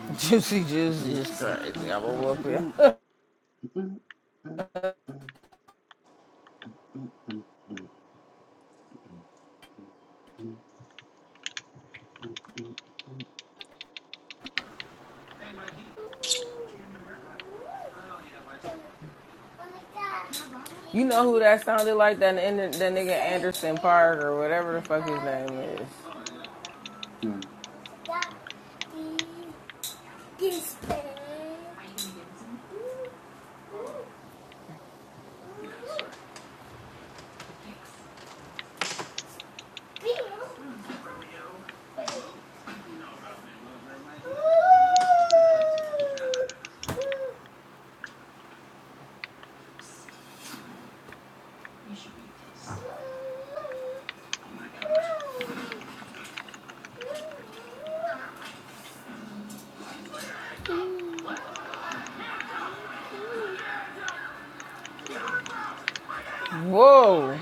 Speaker 1: Juicy Juice is crazy. I'm a whoop ya. you know who that sounded like? That, that nigga Anderson Park or whatever the fuck his name is.
Speaker 4: Fuck.
Speaker 1: Whoa.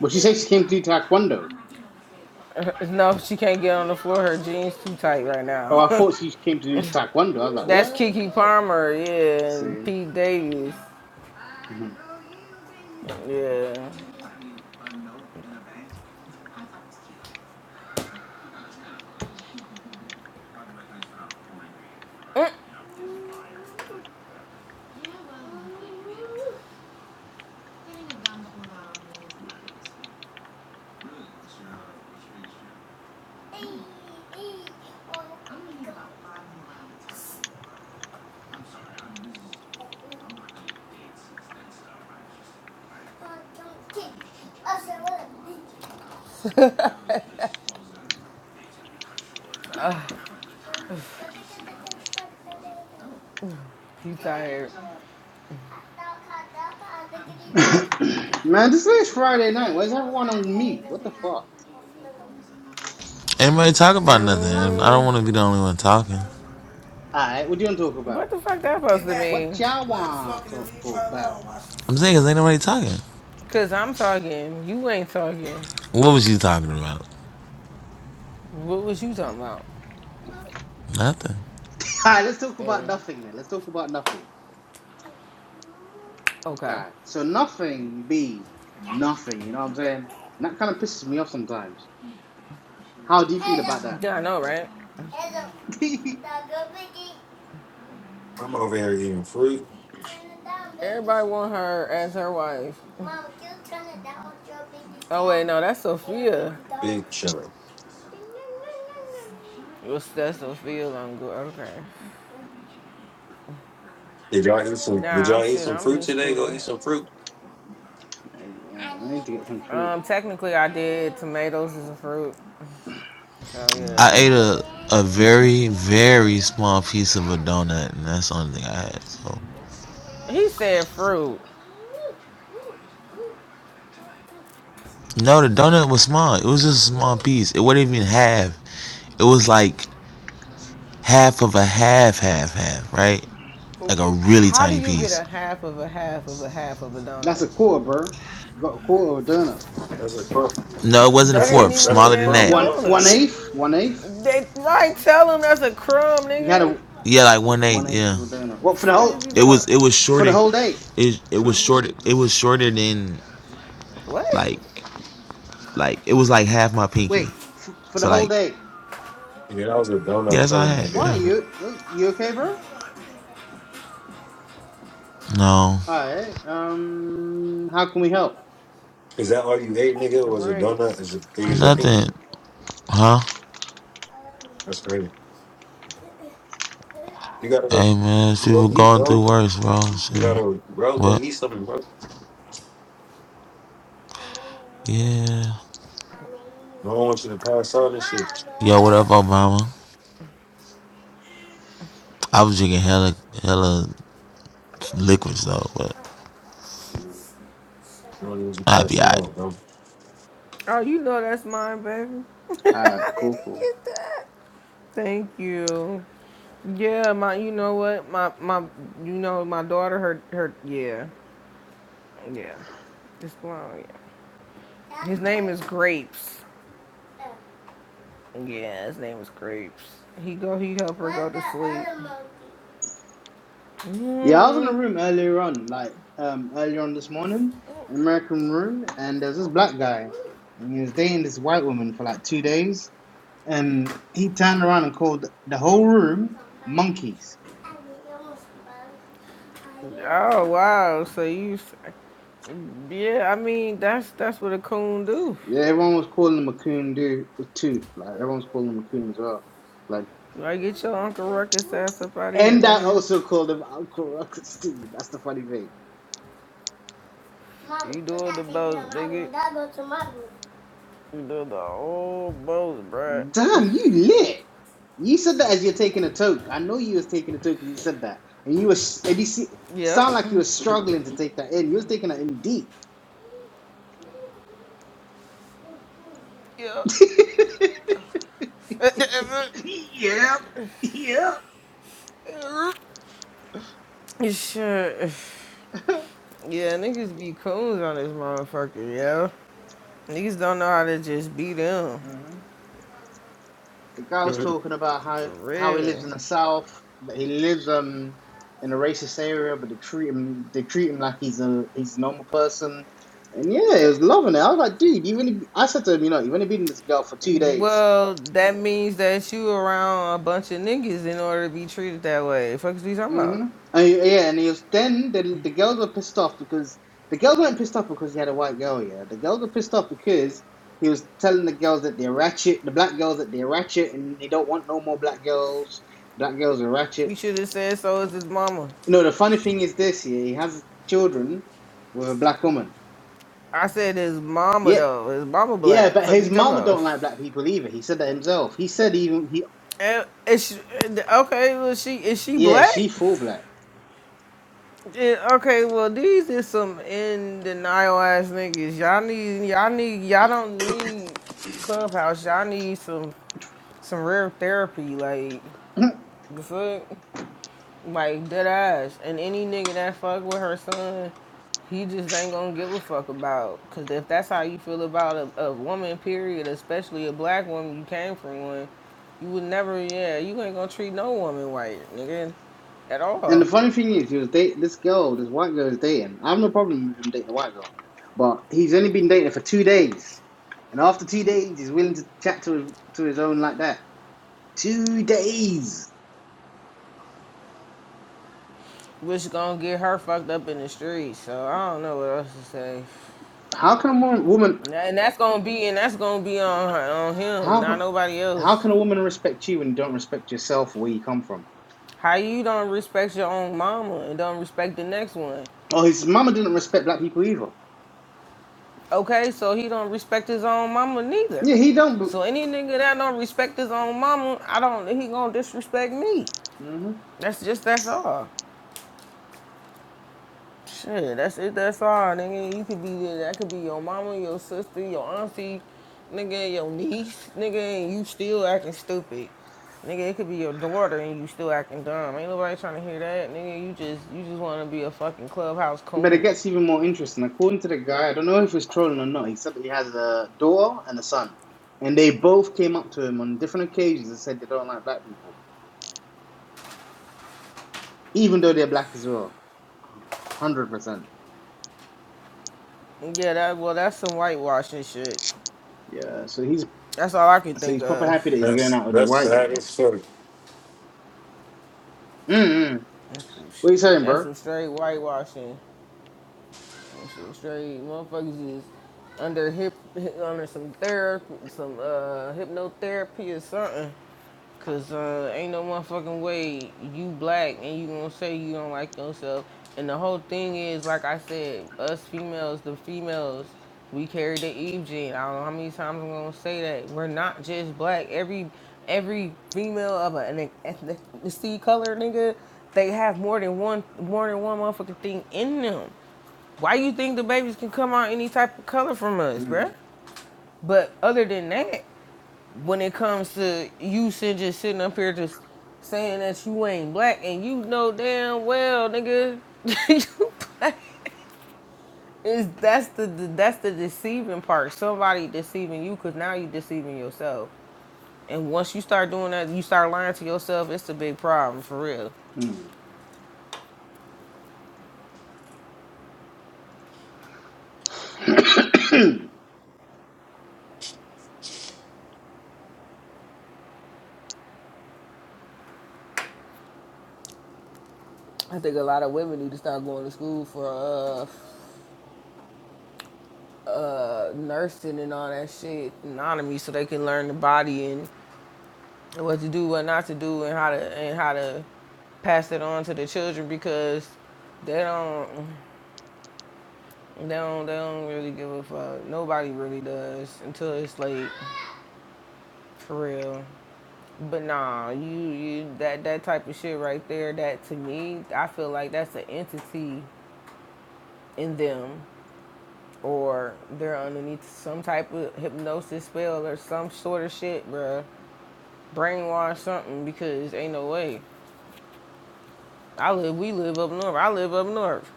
Speaker 4: But she said she came to do taekwondo.
Speaker 1: No, she can't get on the floor. Her jeans too tight right
Speaker 4: Oh,
Speaker 1: now.
Speaker 4: I thought she came to do taekwondo. I was like,
Speaker 1: That's
Speaker 4: what?
Speaker 1: Kiki Palmer, yeah, and
Speaker 4: See.
Speaker 1: Pete Davis,
Speaker 4: Mhm.
Speaker 1: yeah. Oh, You tired?
Speaker 4: Man, this is Friday night. Where's everyone on mute? What the fuck?
Speaker 3: Ain't nobody talking about nothing. I don't
Speaker 1: Mm,
Speaker 3: want to be the only one talking.
Speaker 4: Alright, what do you want to talk
Speaker 1: what
Speaker 4: about?
Speaker 1: the fuck that supposed to
Speaker 4: What
Speaker 1: mean?
Speaker 4: y'all want to talk about?
Speaker 3: I'm saying 'cause ain't nobody talking.
Speaker 1: Cause I'm talking, you ain't talking.
Speaker 3: What was you talking about?
Speaker 1: What was you talking about?
Speaker 3: Nothing.
Speaker 4: Alright, let's talk about
Speaker 1: Mm,
Speaker 4: nothing then. Let's talk about nothing.
Speaker 1: Okay.
Speaker 4: Alright, so nothing be nothing, you know what I'm saying? And that kind of pisses me off sometimes. How do you feel about that?
Speaker 1: Yeah, I know, right?
Speaker 5: I'm over here eating fruit.
Speaker 1: Everybody want her as her wife. Mom, you turn it down. Oh wait, no, that's Sophia.
Speaker 5: Big chilling.
Speaker 1: Your stuff don't feel I'm good. Okay.
Speaker 5: Did y'all eat some? Did
Speaker 1: Nah, I'm
Speaker 5: y'all eat
Speaker 1: shit.
Speaker 5: some
Speaker 1: I'm
Speaker 5: fruit
Speaker 1: just
Speaker 5: today? Go
Speaker 1: cooling.
Speaker 5: eat some fruit.
Speaker 4: I, uh, I need to get some fruit.
Speaker 1: Um, technically, I did tomatoes as a fruit. So yeah.
Speaker 3: I
Speaker 5: hmm
Speaker 3: ate a a very very small piece of a donut, and that's the only thing I had. So
Speaker 1: He said fruit.
Speaker 3: no, the donut was small. It was just a small piece. It wasn't even half. It was like half of a half, half, half. Right? Like a really
Speaker 1: How do
Speaker 3: tiny
Speaker 1: you get
Speaker 3: piece.
Speaker 1: a half of a half of a half of a donut?
Speaker 4: That's a quarter, bro. Got a quarter of a donut.
Speaker 5: That's a crumb.
Speaker 3: No, it wasn't a
Speaker 1: That
Speaker 5: That's
Speaker 1: ain't
Speaker 5: a
Speaker 3: fourth.
Speaker 1: even
Speaker 5: that's
Speaker 1: a
Speaker 5: a
Speaker 3: Smaller than
Speaker 1: damn
Speaker 5: crumb,
Speaker 3: that.
Speaker 4: One
Speaker 5: bro.
Speaker 4: one
Speaker 3: S-
Speaker 1: donut.
Speaker 4: eighth, one eighth.
Speaker 1: They right tell him that's a crumb,
Speaker 4: You had
Speaker 1: nigga. What
Speaker 4: a
Speaker 3: Yeah, like one
Speaker 4: one
Speaker 3: eighth.
Speaker 4: eighth
Speaker 3: Yeah.
Speaker 4: of a donut.
Speaker 1: the
Speaker 4: What for the
Speaker 1: Fuck
Speaker 4: whole
Speaker 1: is you
Speaker 3: It
Speaker 1: talking
Speaker 3: was.
Speaker 1: about?
Speaker 3: It was
Speaker 4: for the
Speaker 3: shorter.
Speaker 4: whole day?
Speaker 3: It it was shorter. It was shorter than
Speaker 1: What?
Speaker 3: like like it was like half my pinky.
Speaker 4: Wait, f- for the
Speaker 3: So
Speaker 4: whole
Speaker 3: like
Speaker 4: day.
Speaker 5: Yeah, that was a donut
Speaker 3: Yes, I
Speaker 5: crumb,
Speaker 3: had.
Speaker 5: nigga.
Speaker 4: Why
Speaker 3: Yeah.
Speaker 4: you you okay, bro?
Speaker 3: No,
Speaker 4: All right. Um, how can we help?
Speaker 5: Is that all you ate, nigga? Was a
Speaker 1: Right.
Speaker 5: donut as big as your pinky?
Speaker 3: nothing. Huh?
Speaker 5: That's crazy. You gotta go
Speaker 3: Hey man, people
Speaker 5: go eat,
Speaker 3: going
Speaker 5: bro.
Speaker 3: through worse, bro.
Speaker 5: You
Speaker 3: Shit.
Speaker 5: gotta bro go
Speaker 3: What?
Speaker 5: eat something, bro.
Speaker 3: Yeah.
Speaker 5: I don't want you to pass out and shit.
Speaker 3: Yo, what up, Obama? I was drinking hella, hella liquids though, but
Speaker 5: I don't want you
Speaker 3: I'll be
Speaker 5: passing
Speaker 3: alright.
Speaker 5: out, bro.
Speaker 1: Oh, you know that's mine, baby.
Speaker 4: All right,
Speaker 1: How did
Speaker 4: cool,
Speaker 1: he
Speaker 4: cool.
Speaker 1: get that? Thank you. Yeah, my you know what? My my you know my daughter her her yeah. Yeah. This blown, yeah. His name is Grapes. Yeah, his name is Grapes. He go he help her go to sleep.
Speaker 4: Yeah, I was in a
Speaker 1: Mm.
Speaker 4: room earlier on, like um earlier on this morning, an American room, and there was this black guy, and he was dating this white woman for like two days, and he turned around and called the whole room monkeys
Speaker 1: Oh wow. So you s- yeah, I mean that's that's what a coon do.
Speaker 4: Yeah, everyone was calling him a coon dude too. Like everyone's calling him a coon as well. Like
Speaker 1: Like get your Uncle Ruckus ass up out of here,
Speaker 4: and I
Speaker 1: nigga.
Speaker 4: also called him Uncle Ruckus too. That's the funny thing.
Speaker 1: You doing the got most, nigga. You doing the whole most, bruh.
Speaker 4: Damn, you lit. You said that as you're taking a toke. I know you was taking a toke and you said that. And you was and you see
Speaker 1: Yep.
Speaker 4: sound like you were struggling to take that in. You was taking that in deep.
Speaker 1: Yep.
Speaker 4: yep. Yep.
Speaker 1: sure? Yeah, niggas be coons on this motherfucker, yo. Niggas don't know how to just be them.
Speaker 4: the guy was
Speaker 5: Mm,
Speaker 4: talking about how
Speaker 1: For
Speaker 4: how he lives
Speaker 1: real.
Speaker 4: in the south, but he lives um in a racist area, but they treat him they treat him like he's a he's a normal person. And yeah, he was loving it. I was like, dude, you've only I said to him, you know, you've only been with this girl for two days.
Speaker 1: Well, that means that you around a bunch of niggas in order to be treated that way. Fuck is we talking about?
Speaker 4: hmm And he- yeah, and he was then the the girls were pissed off because the girls weren't pissed off because he had a white girl. Yeah, the girls were pissed off because. He was telling the girls that they're ratchet, the black girls that they're ratchet, and they don't want no more black girls. Black girls are ratchet.
Speaker 1: You should have said so is his mama.
Speaker 4: You know, the funny thing is this, yeah, he has children with a black woman.
Speaker 1: I said his mama
Speaker 4: Yeah,
Speaker 1: though. His mama
Speaker 4: yeah,
Speaker 1: black.
Speaker 4: but
Speaker 1: Fuck
Speaker 4: his
Speaker 1: we talking
Speaker 4: mama
Speaker 1: about.
Speaker 4: don't like black people either. He said that himself. He said even he,
Speaker 1: Uh, Is she, uh, okay, well, she is she
Speaker 4: yeah,
Speaker 1: black?
Speaker 4: she full black.
Speaker 1: Yeah, okay, well these is some in denial ass niggas. Y'all need y'all need y'all don't need clubhouse. Y'all need some some real therapy. Like
Speaker 4: and
Speaker 1: the fuck. Like dead ass. And any nigga that fuck with her son, he just ain't gonna give a fuck about. Cause if that's how you feel about a, a woman, period, especially a black woman, you came from one, you would never, yeah, you ain't gonna treat no woman white, nigga, at
Speaker 4: the
Speaker 1: all.
Speaker 4: funny thing is, he was dating this girl, this white girl is dating. I have no problem with him dating a white girl, but he's only been dating her for two days, and after two days, he's willing to chat to his, to his own like that. Two days.
Speaker 1: Which gonna get her fucked up in the streets. So I don't know what else to say.
Speaker 4: How can a woman, woman
Speaker 1: Nah, And that's gonna be, and that's gonna be on her, on him, not
Speaker 4: how
Speaker 1: nobody
Speaker 4: how
Speaker 1: else.
Speaker 4: can a woman respect you when you don't respect yourself or where you come from?
Speaker 1: How you don't respect your own mama and don't respect the next one?
Speaker 4: Oh, his mama didn't respect black people either.
Speaker 1: Okay, so he don't respect his own mama neither.
Speaker 4: Yeah, he don't.
Speaker 1: So any nigga that don't respect his own mama, I don't. think He gonna disrespect me.
Speaker 4: hmm
Speaker 1: That's just that's all. Shit, that's it. That's all, nigga. You could be that could be your mama, your sister, your auntie, nigga, your niece, nigga, and you still acting stupid. Nigga, it could be your daughter and you still acting dumb. Ain't nobody trying to hear that, nigga. You just you just want to be a fucking clubhouse
Speaker 4: But it
Speaker 1: coon.
Speaker 4: gets even more interesting. According to the guy, I don't know if he's trolling or not. He said that he has a daughter and a son, and they both came up to him on different occasions and said they don't like black people, even though they're black as well. Hundred percent.
Speaker 1: Yeah, that well, that's some whitewashing shit.
Speaker 4: Yeah. So he's
Speaker 1: That's all I can
Speaker 4: so
Speaker 1: think
Speaker 4: he's proper happy
Speaker 1: of.
Speaker 4: that he's going
Speaker 5: That's
Speaker 4: out with his
Speaker 5: that's
Speaker 4: wife. You
Speaker 5: sad as fuck.
Speaker 4: know. Mm-mm. What are you saying,
Speaker 1: That's
Speaker 4: bro?
Speaker 1: some straight whitewashing. some straight motherfuckers is under hip, under some therapy, some uh, hypnotherapy or something. Cause uh, ain't no motherfucking way you black and you gonna say you don't like yourself. And the whole thing is, like I said, us females, the females, we carry the Eve gene. I don't know how many times I'm gonna say that. We're not just black. Every every female of an ethnicity color nigga, they have more than one more than one motherfucking thing in them. Why you think the babies can come out any type of color from us, bruh?
Speaker 4: Mm-mm.
Speaker 1: But other than that, when it comes to you just sitting up here just saying that you ain't black and you know damn well nigga you black is that's the that's the deceiving part somebody deceiving you because now you deceiving yourself and once you start doing that you start lying to yourself it's a big problem for real i think a lot of women need to start going to school for uh uh nursing and all that shit anatomy so they can learn the body and what to do, what not to do, and how to and how to pass it on to the children because they don't they don't they don't really give a fuck. Nobody really does until it's late for real. But nah, you you that that type of shit right there. That to me, I feel like that's an entity in them or they're underneath some type of hypnosis spell or some sort of shit, bruh. Brainwash something because ain't no way. I live, we live up north. I live up north.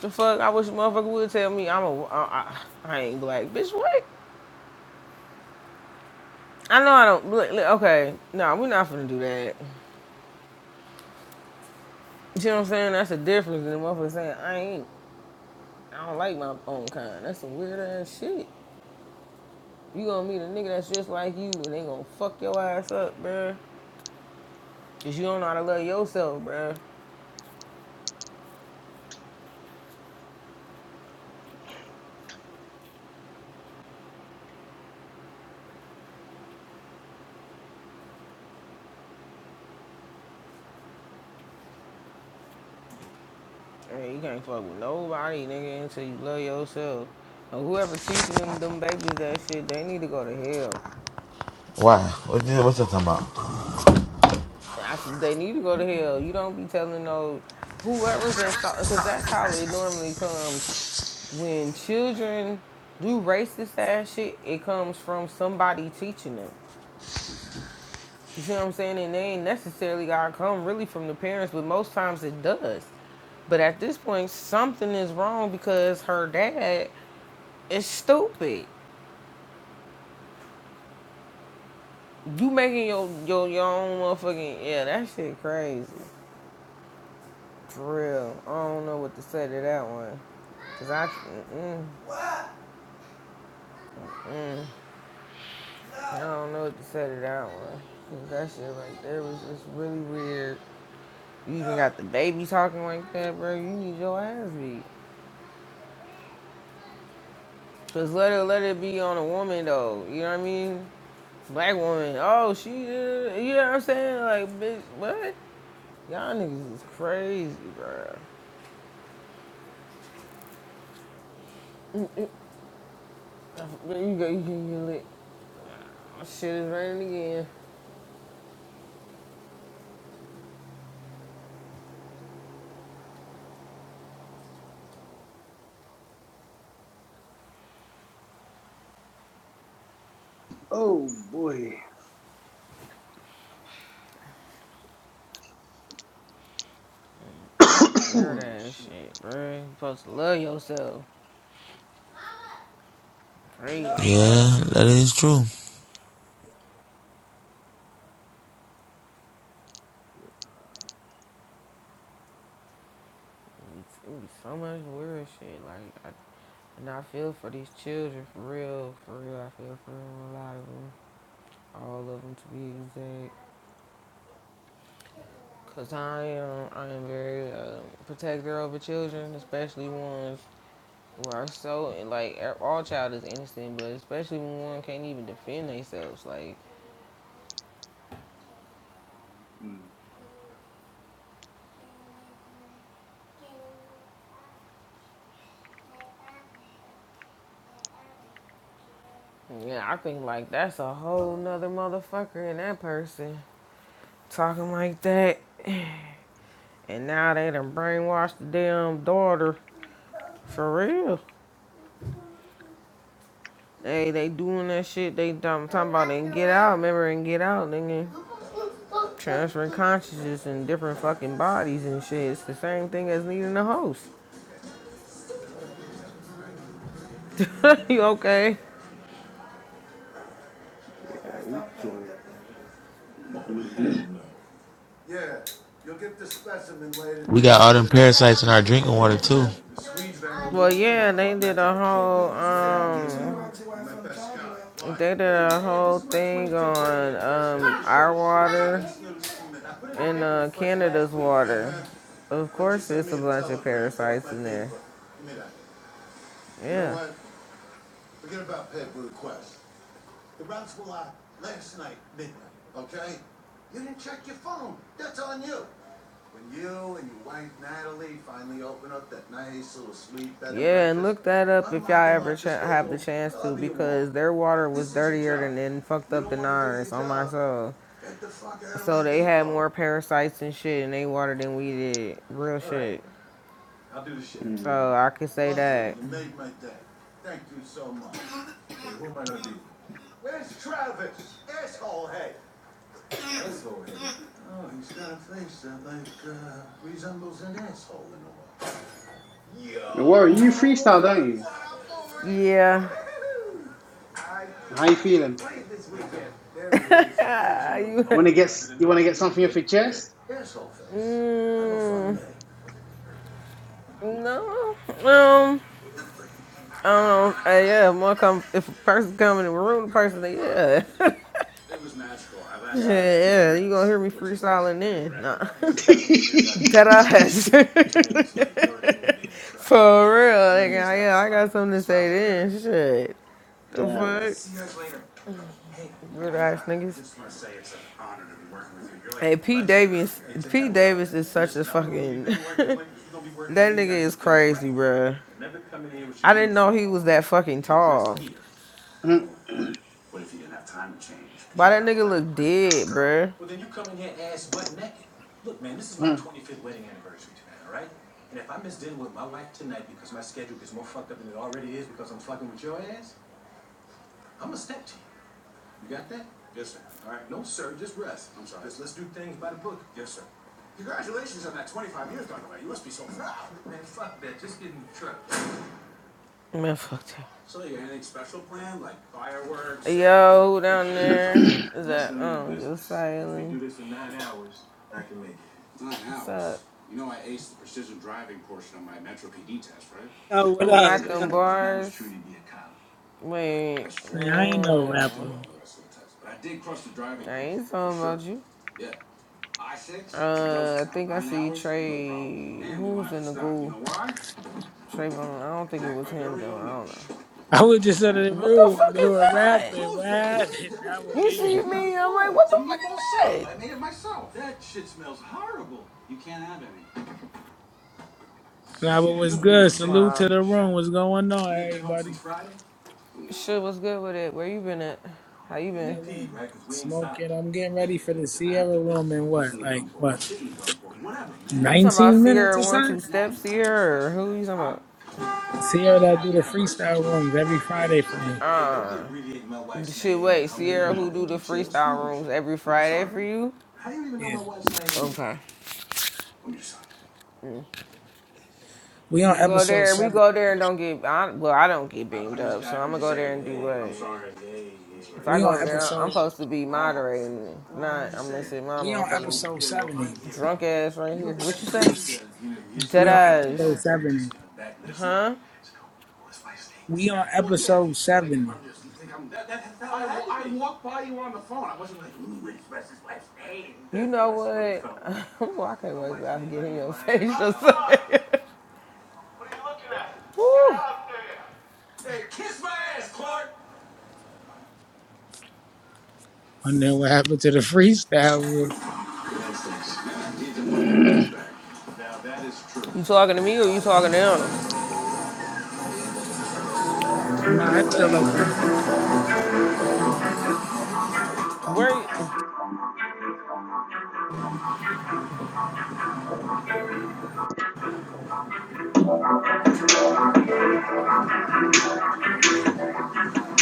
Speaker 1: The fuck, I wish a motherfucker would tell me I'm a, I, I, I ain't black. Bitch, what? I know I don't, look, look, okay, nah, we're not finna do that. You know what I'm saying? That's the difference in the motherfucker saying, I ain't, I don't like my own kind. That's some weird ass shit. You gonna meet a nigga that's just like you and they gonna fuck your ass up, bruh. Cause you don't know how to love yourself, bruh. Hey, you can't fuck with nobody, nigga, until you love yourself. And whoever teaching them, them babies that shit, they need to go to hell.
Speaker 3: Why? What you, what you talking about?
Speaker 1: I said they need to go to hell. You don't be telling no whoever's installed because that's how it normally comes when children do racist ass shit. It comes from somebody teaching them. You see what I'm saying? And they ain't necessarily gotta come really from the parents, but most times it does. But at this point, something is wrong because her dad is stupid. You making your your your own motherfucking yeah, that shit crazy. For real, I don't know what to say to that one. Cause I, mm, mm, I don't know what to say to that one. Cause that shit right there was just really weird. You even got the baby talking like that, bro. You need your ass beat. Cause let it let it be on a woman though. You know what I mean? Black woman. Oh, she. Uh, you know what I'm saying? Like, bitch, what? Y'all niggas is crazy, bro. There you go. You can get lit. Shit is raining again.
Speaker 4: oh boy. oh
Speaker 1: Weird ass
Speaker 4: shit.
Speaker 1: shit, bro. You supposed to love yourself. For
Speaker 3: Yeah, that is true.
Speaker 1: It would be so much weird shit. Like, I, and I feel for these children, for real, for real. I feel for them, a lot of them, all of them to be exact. Cause I am, I am very uh, protective over children, especially ones who are so like e- all child is innocent, but especially when one can't even defend themselves. Like,
Speaker 4: Mm.
Speaker 1: yeah, I think like that's a whole nother motherfucker in that person. talking like that. And now they done brainwashed the damn daughter. For real. Hey, they doing that shit. They dumb, talking about they get out, remember, and get out, nigga. Transferring consciousness in different fucking bodies and shit. It's the same thing as needing a host. you okay?
Speaker 4: Yeah, we cool.
Speaker 3: We got all them parasites in our drinking water too.
Speaker 1: Well, yeah, they did a whole, um, They did a whole thing on um, our water and uh, Canada's water. Of course, there's a bunch of parasites in there. Yeah. You and your wife Natalie finally open up that nice little sweet bed. Yeah, and look that up if y'all ever ch- have the chance to, because their water was dirtier than and fucked up than ours on my soul. So they had more parasites and shit in their water than we did. Real shit.
Speaker 4: Mm.
Speaker 1: So I could say that.
Speaker 4: Warren, you freestyle, don't you?
Speaker 1: Yeah.
Speaker 4: How you feeling?
Speaker 1: you,
Speaker 4: Wanna get s- you wanna get something off your chest?
Speaker 1: mm, no. Um. Um. uh, yeah. If One come if a person come in the room, the person say yeah. yeah.
Speaker 4: God
Speaker 1: Yeah. You gonna hear me freestyling then? Nah.
Speaker 4: Mm,
Speaker 1: that ass. For real. Like, yeah. I got something to say then. Shit. The
Speaker 4: damn.
Speaker 1: fuck? Davis. is bruh. he was that fucking Why that nigga look dead, bruh?
Speaker 4: mm.
Speaker 1: Man, fuck that. Yo, silent. up?
Speaker 6: Yo, what
Speaker 1: Who
Speaker 6: up?
Speaker 1: got
Speaker 6: What
Speaker 1: them
Speaker 6: up?
Speaker 1: bars? Wait.
Speaker 6: Man, I ain't no
Speaker 1: Mm.
Speaker 6: rapper.
Speaker 1: I ain't talking about you. Uh, I think I see Trey. Who's in the group? Trayvon. I don't think it was him though. I don't know.
Speaker 6: I was just out of the
Speaker 1: What the
Speaker 6: room.
Speaker 1: fuck
Speaker 6: They
Speaker 1: is
Speaker 6: were
Speaker 1: that?
Speaker 6: rapping. What happened? That was
Speaker 1: You see
Speaker 6: it.
Speaker 1: me? I'm like, what the fuck is that?
Speaker 6: Nah, but what's good? Salute
Speaker 1: Wow.
Speaker 6: to the room. What's going on, everybody?
Speaker 1: Shit, what's good with it? Where you been at? How you You
Speaker 6: Chilling, smoking. I'm getting ready for the Sierra room in what, like what, 19 minutes or something?
Speaker 1: Or who you talking Huh?
Speaker 6: Sierra
Speaker 1: about?
Speaker 6: that do the freestyle rooms every Friday for me.
Speaker 1: rooms every Friday you?
Speaker 6: Yeah,
Speaker 1: Okay.
Speaker 6: we on
Speaker 1: We go
Speaker 6: episode
Speaker 1: there, we
Speaker 6: seven.
Speaker 1: go there and don't get. I, well, I don't get beamed up, so am gonna go there and do what. If I
Speaker 6: We
Speaker 1: go
Speaker 6: on
Speaker 1: over there, I'm
Speaker 6: episode.
Speaker 1: supposed to be No. moderating it, No, not. I'm gonna sit my
Speaker 6: We on
Speaker 1: motherfucking
Speaker 6: episode 70.
Speaker 1: drunk ass right here. What you say? Dead
Speaker 6: We on episode 70.
Speaker 1: huh?
Speaker 6: We on episode 70.
Speaker 1: You know well, I can't Oh, wait my till I get in your face or Ah! Woo.
Speaker 6: And then what happened to the freestyle
Speaker 1: You talking to me or you talking to him?
Speaker 6: Nah, it's still open.
Speaker 1: Where? you-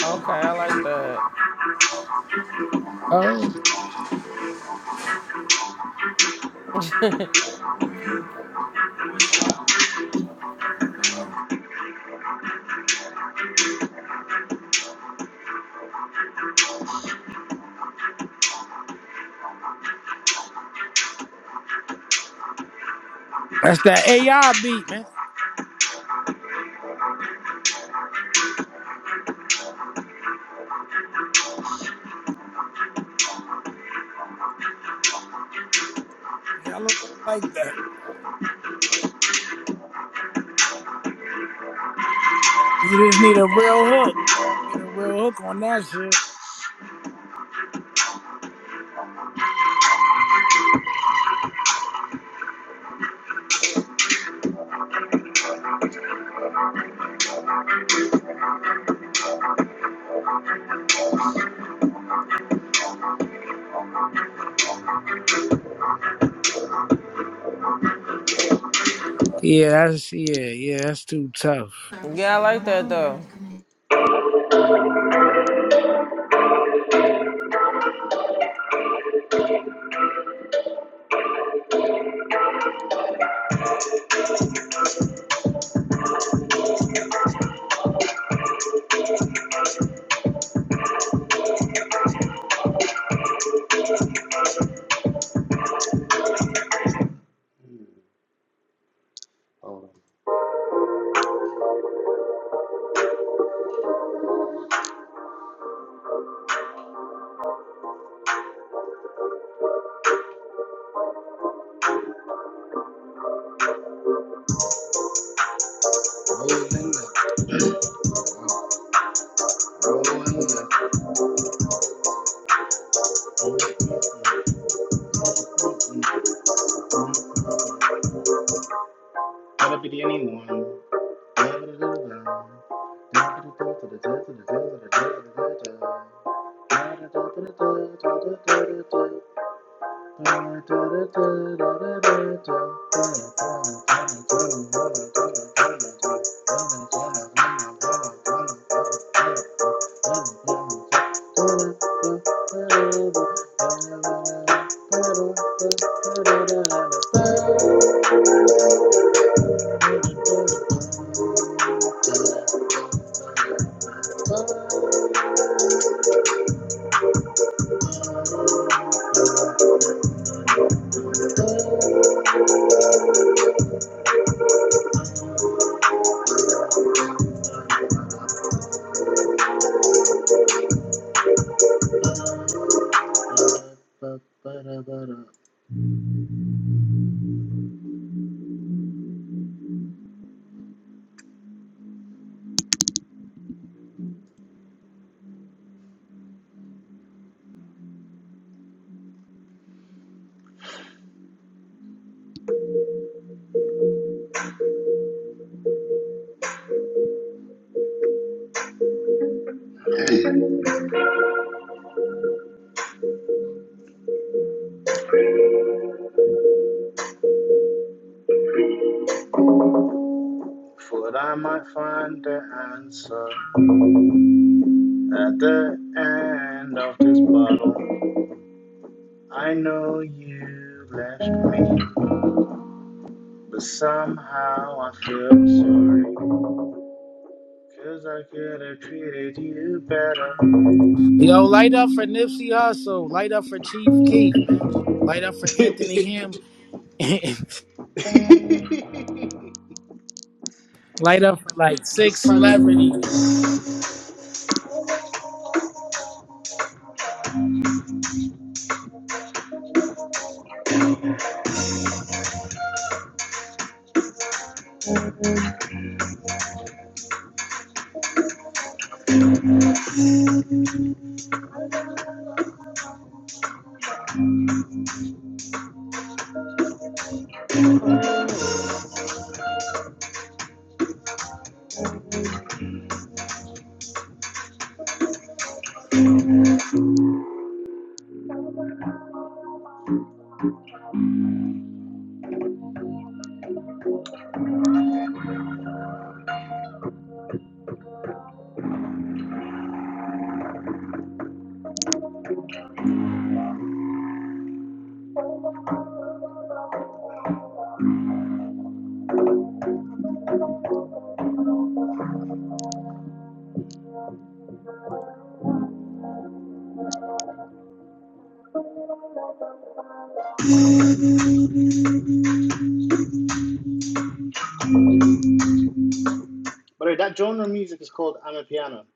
Speaker 1: Okay, I like that.
Speaker 6: Oh, that's that AI beat, man. Y'all like that. You just need a real hook. Get a real hook on that shit. Yeah, that's yeah, yeah. That's too tough.
Speaker 1: Yeah, I like that though.
Speaker 4: Hold on. Rolling up, rolling up. Gotta be the only one. Food, I might find the answer at the end of this bottle. I know you left me. But somehow I feel sorry. Could you do better?
Speaker 6: Yo, light up for Nipsey Hussle. Light up for Chief Keef, man. Light up for Anthony Ham.
Speaker 4: Be
Speaker 6: light up for like six
Speaker 4: surprised what- By the
Speaker 6: celebrities. yo.
Speaker 4: way, that genre of music is called I'm a piano.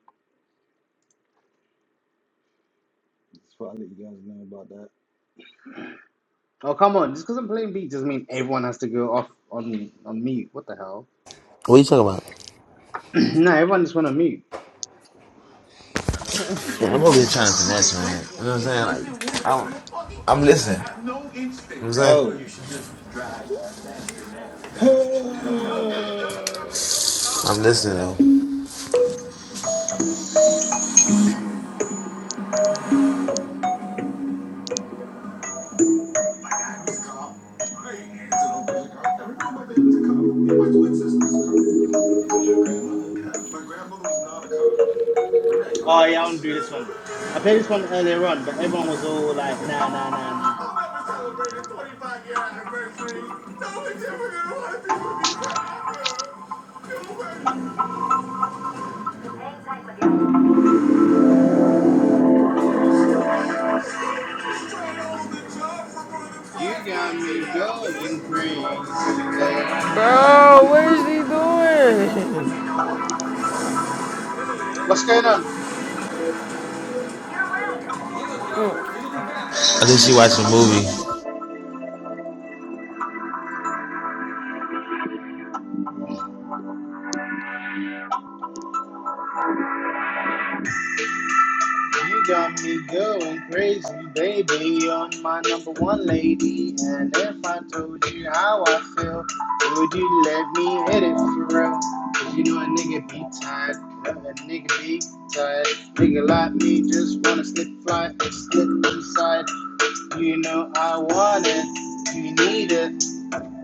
Speaker 4: Oh come on! Just because I'm playing beat doesn't mean everyone has to go off on on mute. What the hell?
Speaker 3: What you talking about?
Speaker 4: no, everyone just went on mute.
Speaker 3: Yeah, I'm over here trying to finesse, man. You know what I'm saying? Like, I don't, I'm listening. You know what I'm saying? I'm listening though.
Speaker 4: Oh yeah, i want to do this one. I played this one earlier on, but everyone was all like, nah, nah, nah, nah. You got me going crazy. What's
Speaker 1: Bro, what is he doing?
Speaker 4: going on?
Speaker 3: I think she watched a movie.
Speaker 4: You got me going crazy, baby. You're my number one lady. And if I told you how I feel, would you let me hit it for real? Cause you know a nigga be tired. A nigga be tired. Nigga like me just wanna slip fly and slip inside. You know I want it. You need it.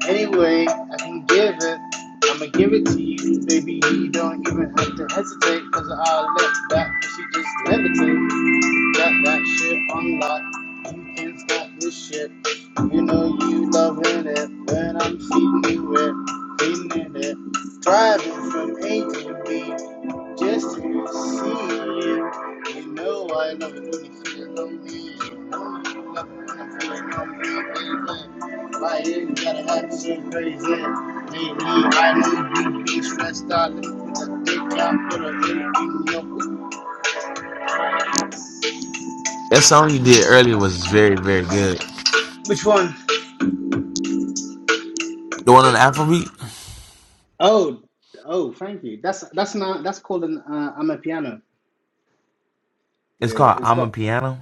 Speaker 4: Anyway, I can give it. I'ma give it to you, baby. You don't even have to hesitate. Cause I'll let back. Cause you just levitate. Got that shit unlocked. You can't stop this shit. You know you loving it when I'm seeing you it, feeling it. Driving from A to B just to see you. You know I love it when you feel lonely. You know you love it when you right here. You gotta have some crazy. Lately, I know you be stressed out. Let me put put a dick in your.
Speaker 3: That song you did earlier was very, very good.
Speaker 4: Which one?
Speaker 3: The one on the Afrobeat?
Speaker 4: Oh, oh, thank you. That's that's not that's called an uh, i
Speaker 3: It's
Speaker 4: Yeah,
Speaker 3: called
Speaker 4: it's
Speaker 3: I'm a
Speaker 4: got
Speaker 3: Piano.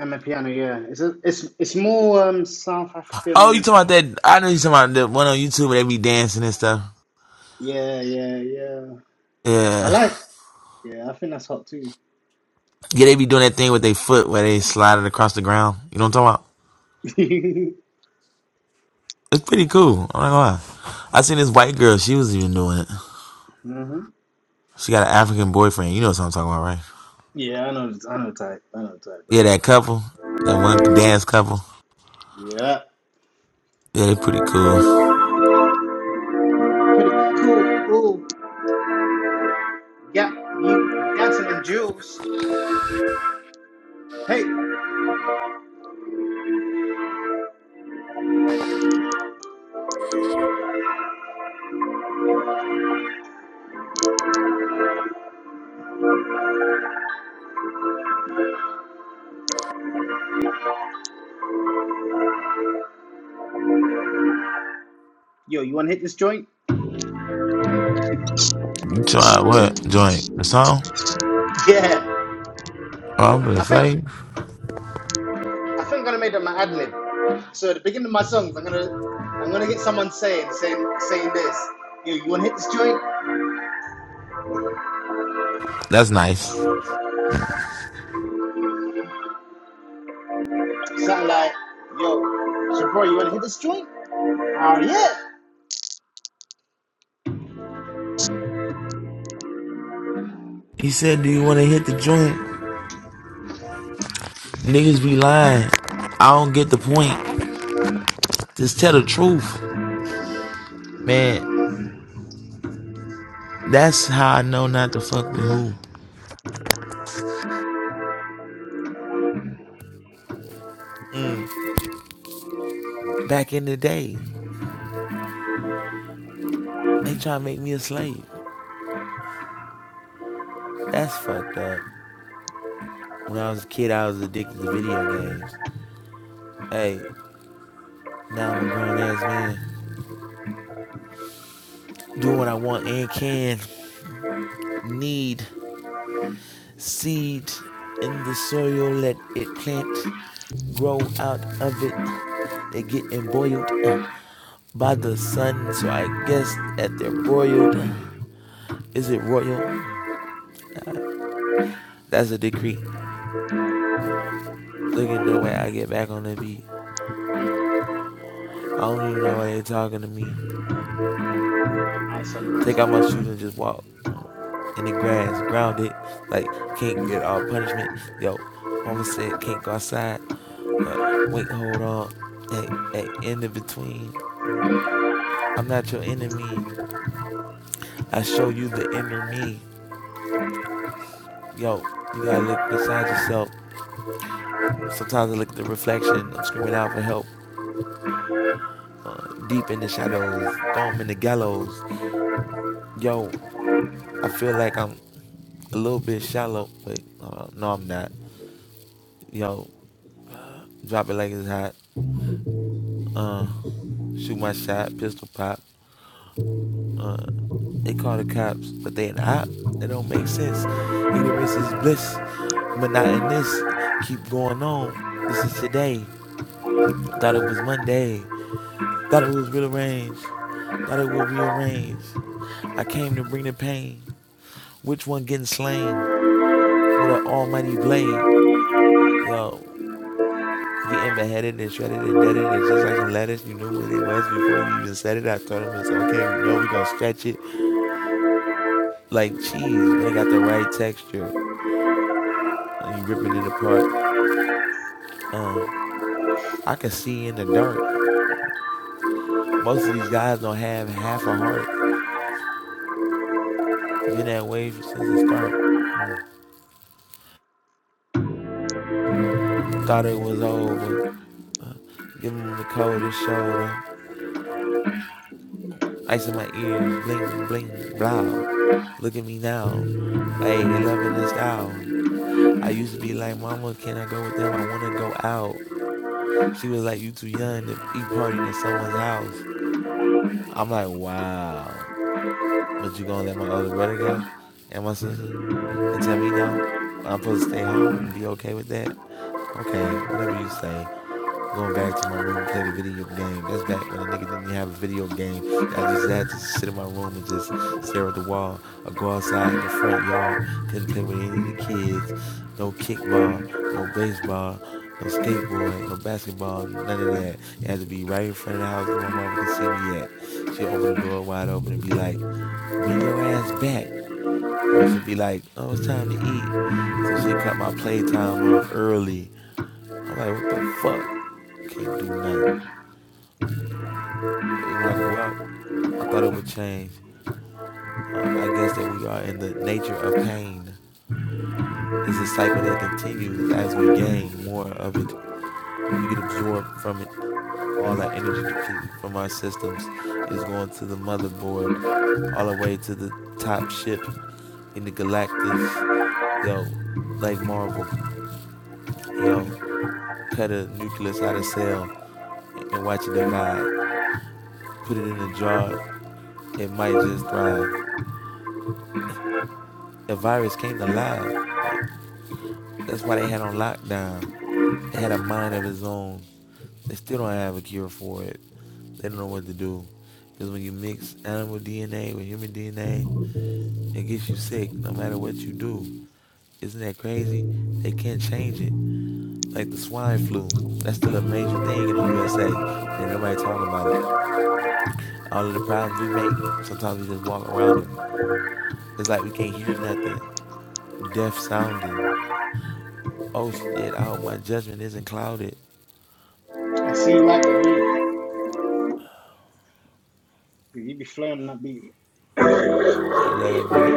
Speaker 4: amapiano. Yeah, it's a, it's it's more um South
Speaker 3: Oh, you
Speaker 4: African.
Speaker 3: talking about that? I know you talking about the one on YouTube where they be dancing and stuff.
Speaker 4: Yeah, yeah, yeah. I
Speaker 3: Yeah.
Speaker 4: like. Yeah, I think that's hot too.
Speaker 3: Yeah, they be doing that thing with their foot where they slide it across the ground. You know what I'm talking about? It's pretty cool. I'm not gonna lie. I seen this white girl. She was even doing it.
Speaker 4: hmm
Speaker 3: She got an African boyfriend. You know what I'm talking about, right?
Speaker 4: Yeah, I know. I know type. I know type,
Speaker 3: Yeah,
Speaker 4: bro.
Speaker 3: that couple. That one dance couple.
Speaker 4: Yeah.
Speaker 3: Yeah, they pretty cool.
Speaker 4: Pretty cool. Ooh, yeah. You dancing in jewels. Hey, yo, you wanna hit this joint?
Speaker 3: You try what? Joint. The song?
Speaker 4: Yeah.
Speaker 3: Oh, I'm gonna
Speaker 4: I think.
Speaker 3: say.
Speaker 4: I think I'm gonna make them an ad lib. So at the beginning of my songs, I'm gonna I'm gonna get someone saying saying saying this. Yo, you wanna hit this joint?
Speaker 3: That's nice.
Speaker 4: Something like, yo, so bro, you wanna hit this joint? Oh yeah.
Speaker 3: He said, Do you want to hit the joint? Niggas be lying. I don't get the point. Just tell the truth. Man, that's how I know not to fuck with who. Back in the day, they try to make me a slave. That's fucked up. When I was a kid, I was addicted to video games. Hey, now I'm a grown ass man. Doing what I want and can. Need seed in the soil. Let it plant. Grow out of it. They getting boiled. by the sun. So I guess at their royal, is it royal? That's a decree. Look at the way I get back on the beat. I don't even know why they talking to me.
Speaker 4: Alright, son, nice
Speaker 3: Take out my shoes and just walk uh, in the grass, grounded. Like can't get all punishment. Yo, mama said can't go outside. Uh, wait, hold on. Hey, hey, in the between. I'm not your enemy. I show you the inner me. Yo, you gotta look inside yourself. Sometimes I look at the reflection. I'm screaming out for help. uh, deep in the shadows, throw him in the gallows. Yo, I feel like I'm a little bit shallow. Wait, uh, no, I'm not. Yo, drop it like it's hot. Uh, shoot my shot, pistol pop. Uh, they call the cops, but they an op. That don't make sense. Ignorance is bliss, but not in this. Keep going on. This is today. Thought it was Monday. Thought it was rearranged. Thought it would rearrange. I came to bring the pain. Which one getting slain? with an almighty blade, yo, getting beheaded and shredded and deaded. It's just like some lettuce. You knew what it was before you even said it. I told him it's okay. We know we're gonna stretch it like cheese when it got the right texture. you ripping it apart. Uh, I can see in the dark. Most of these guys don't have half a heart. Been that way since the start. Mm. Thought it was over. Uh, give him the coldest shoulder. Ice in my ears. Bling, bling, blow. Look at me now. Hey, they loving this style. I used to be like, Mama, can I go with them? I want to go out. She was like, You too young to be partying at someone's house. I'm like, Wow. But you gonna let my other brother go and my sister and tell me no? I'm supposed to stay home and be okay with that? Okay, whatever you say. Going back to my room to play the video game. That's back when a nigga didn't have a video game. I just had to sit in my room and just stare at the wall or go outside in the front yard. Couldn't play with any of the kids. No kickball, no baseball, no skateboard, no basketball, none of that. It had to be right in front of the house where my mama could see me at. She'd open the door wide open and be like, bring your ass back. Or she'd be like, oh, it's time to eat. So she'd cut my playtime off early. I'm like, what the fuck? Can't do nothing. when I grew up, I thought it would change. Uh, I guess that we are in the nature of pain. It's a cycle that continues as we gain more of it. We get absorbed from it. All our energy depleting from our systems is going to the motherboard, all the way to the top ship in the Galactus. Yo, like Marvel, yo, cut a nucleus out of cell and watch it divide. Put it in a jar, it might just thrive. A virus came to life. Like, That's why they had on lockdown. They had a mind of its own. They still don't have a cure for it. They don't know what to do. Because when you mix animal DNA with human DNA, it gets you sick no matter what you do. Isn't that crazy? They can't change it. Like the swine flu. That's still a major thing in the USA. Ain't nobody talking about it. All of the problems we make, sometimes we just walk around them. It's like we can't hear nothing. Deaf sounding. Oh shit, I hope my judgment isn't clouded.
Speaker 4: I see you like the beat. You be flowing on that beat.
Speaker 3: I love that bit.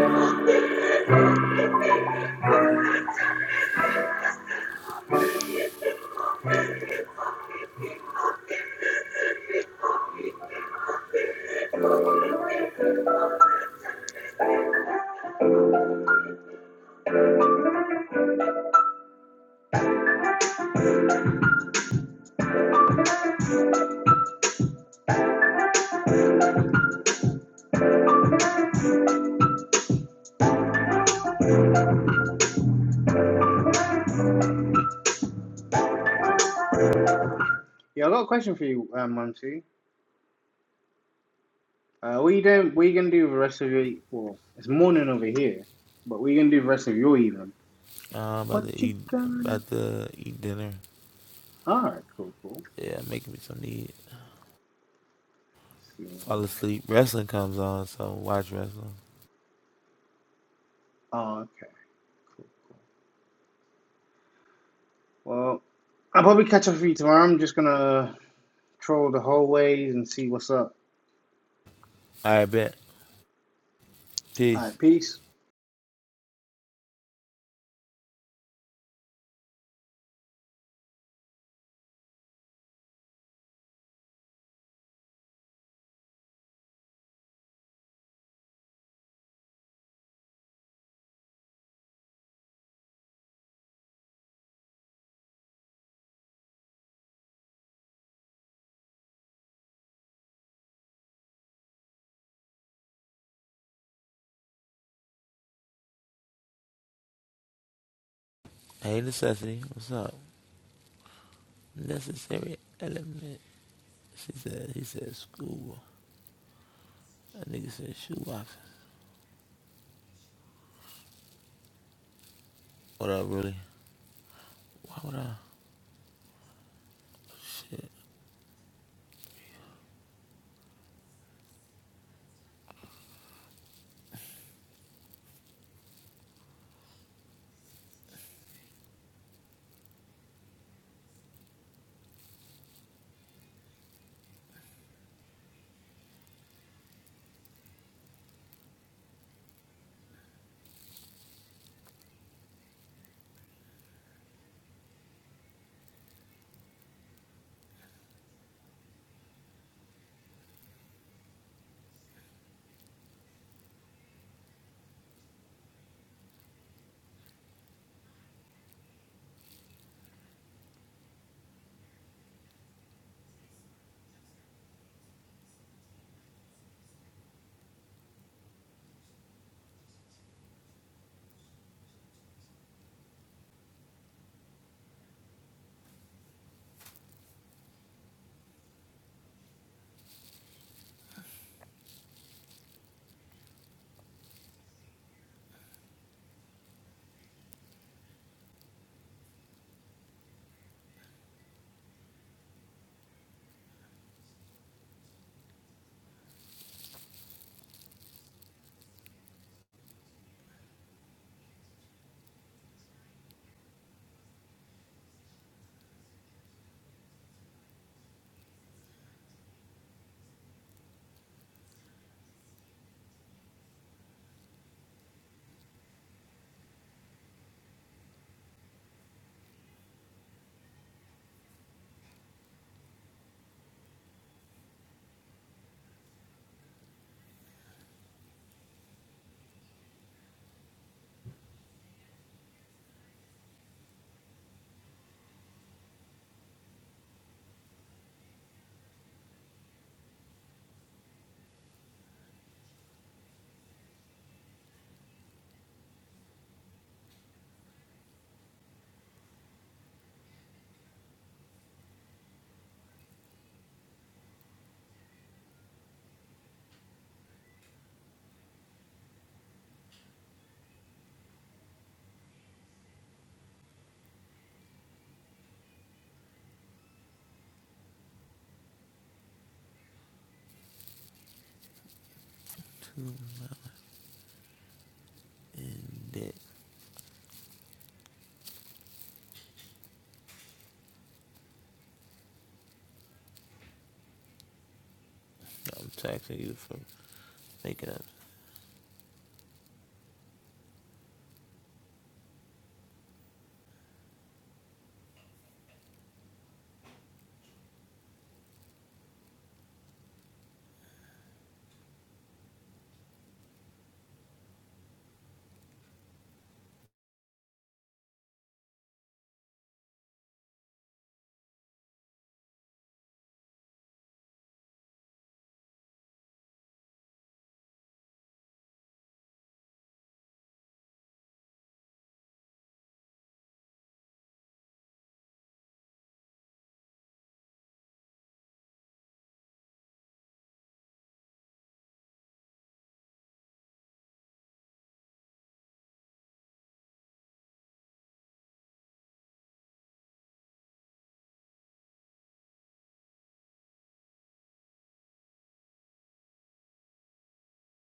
Speaker 4: Yeah, I got a question for you, um, Monty. Uh, what you doing? What you gonna do the rest of your? Well, it's morning over here, but what you gonna do the rest of your evening?
Speaker 3: Nah, I'm about to
Speaker 4: What you
Speaker 3: eat. I'm
Speaker 4: gonna? do?
Speaker 3: about to eat dinner.
Speaker 4: All right, cool, cool.
Speaker 3: Yeah, making me something to eat.
Speaker 4: Let's see.
Speaker 3: Fall asleep. Wrestling comes on, so watch wrestling.
Speaker 4: Oh, okay, cool. cool. Well, I'll probably catch up with you tomorrow. I'm just gonna troll the hallways and see what's up.
Speaker 3: All right, bet.
Speaker 4: All
Speaker 3: Peace.
Speaker 4: right, peace.
Speaker 3: Hey, necessity. What's up? Necessary element. She said. He said school. That nigga said shoe box. What up, really? Why would I? Too in debt. I'm taxing you for making a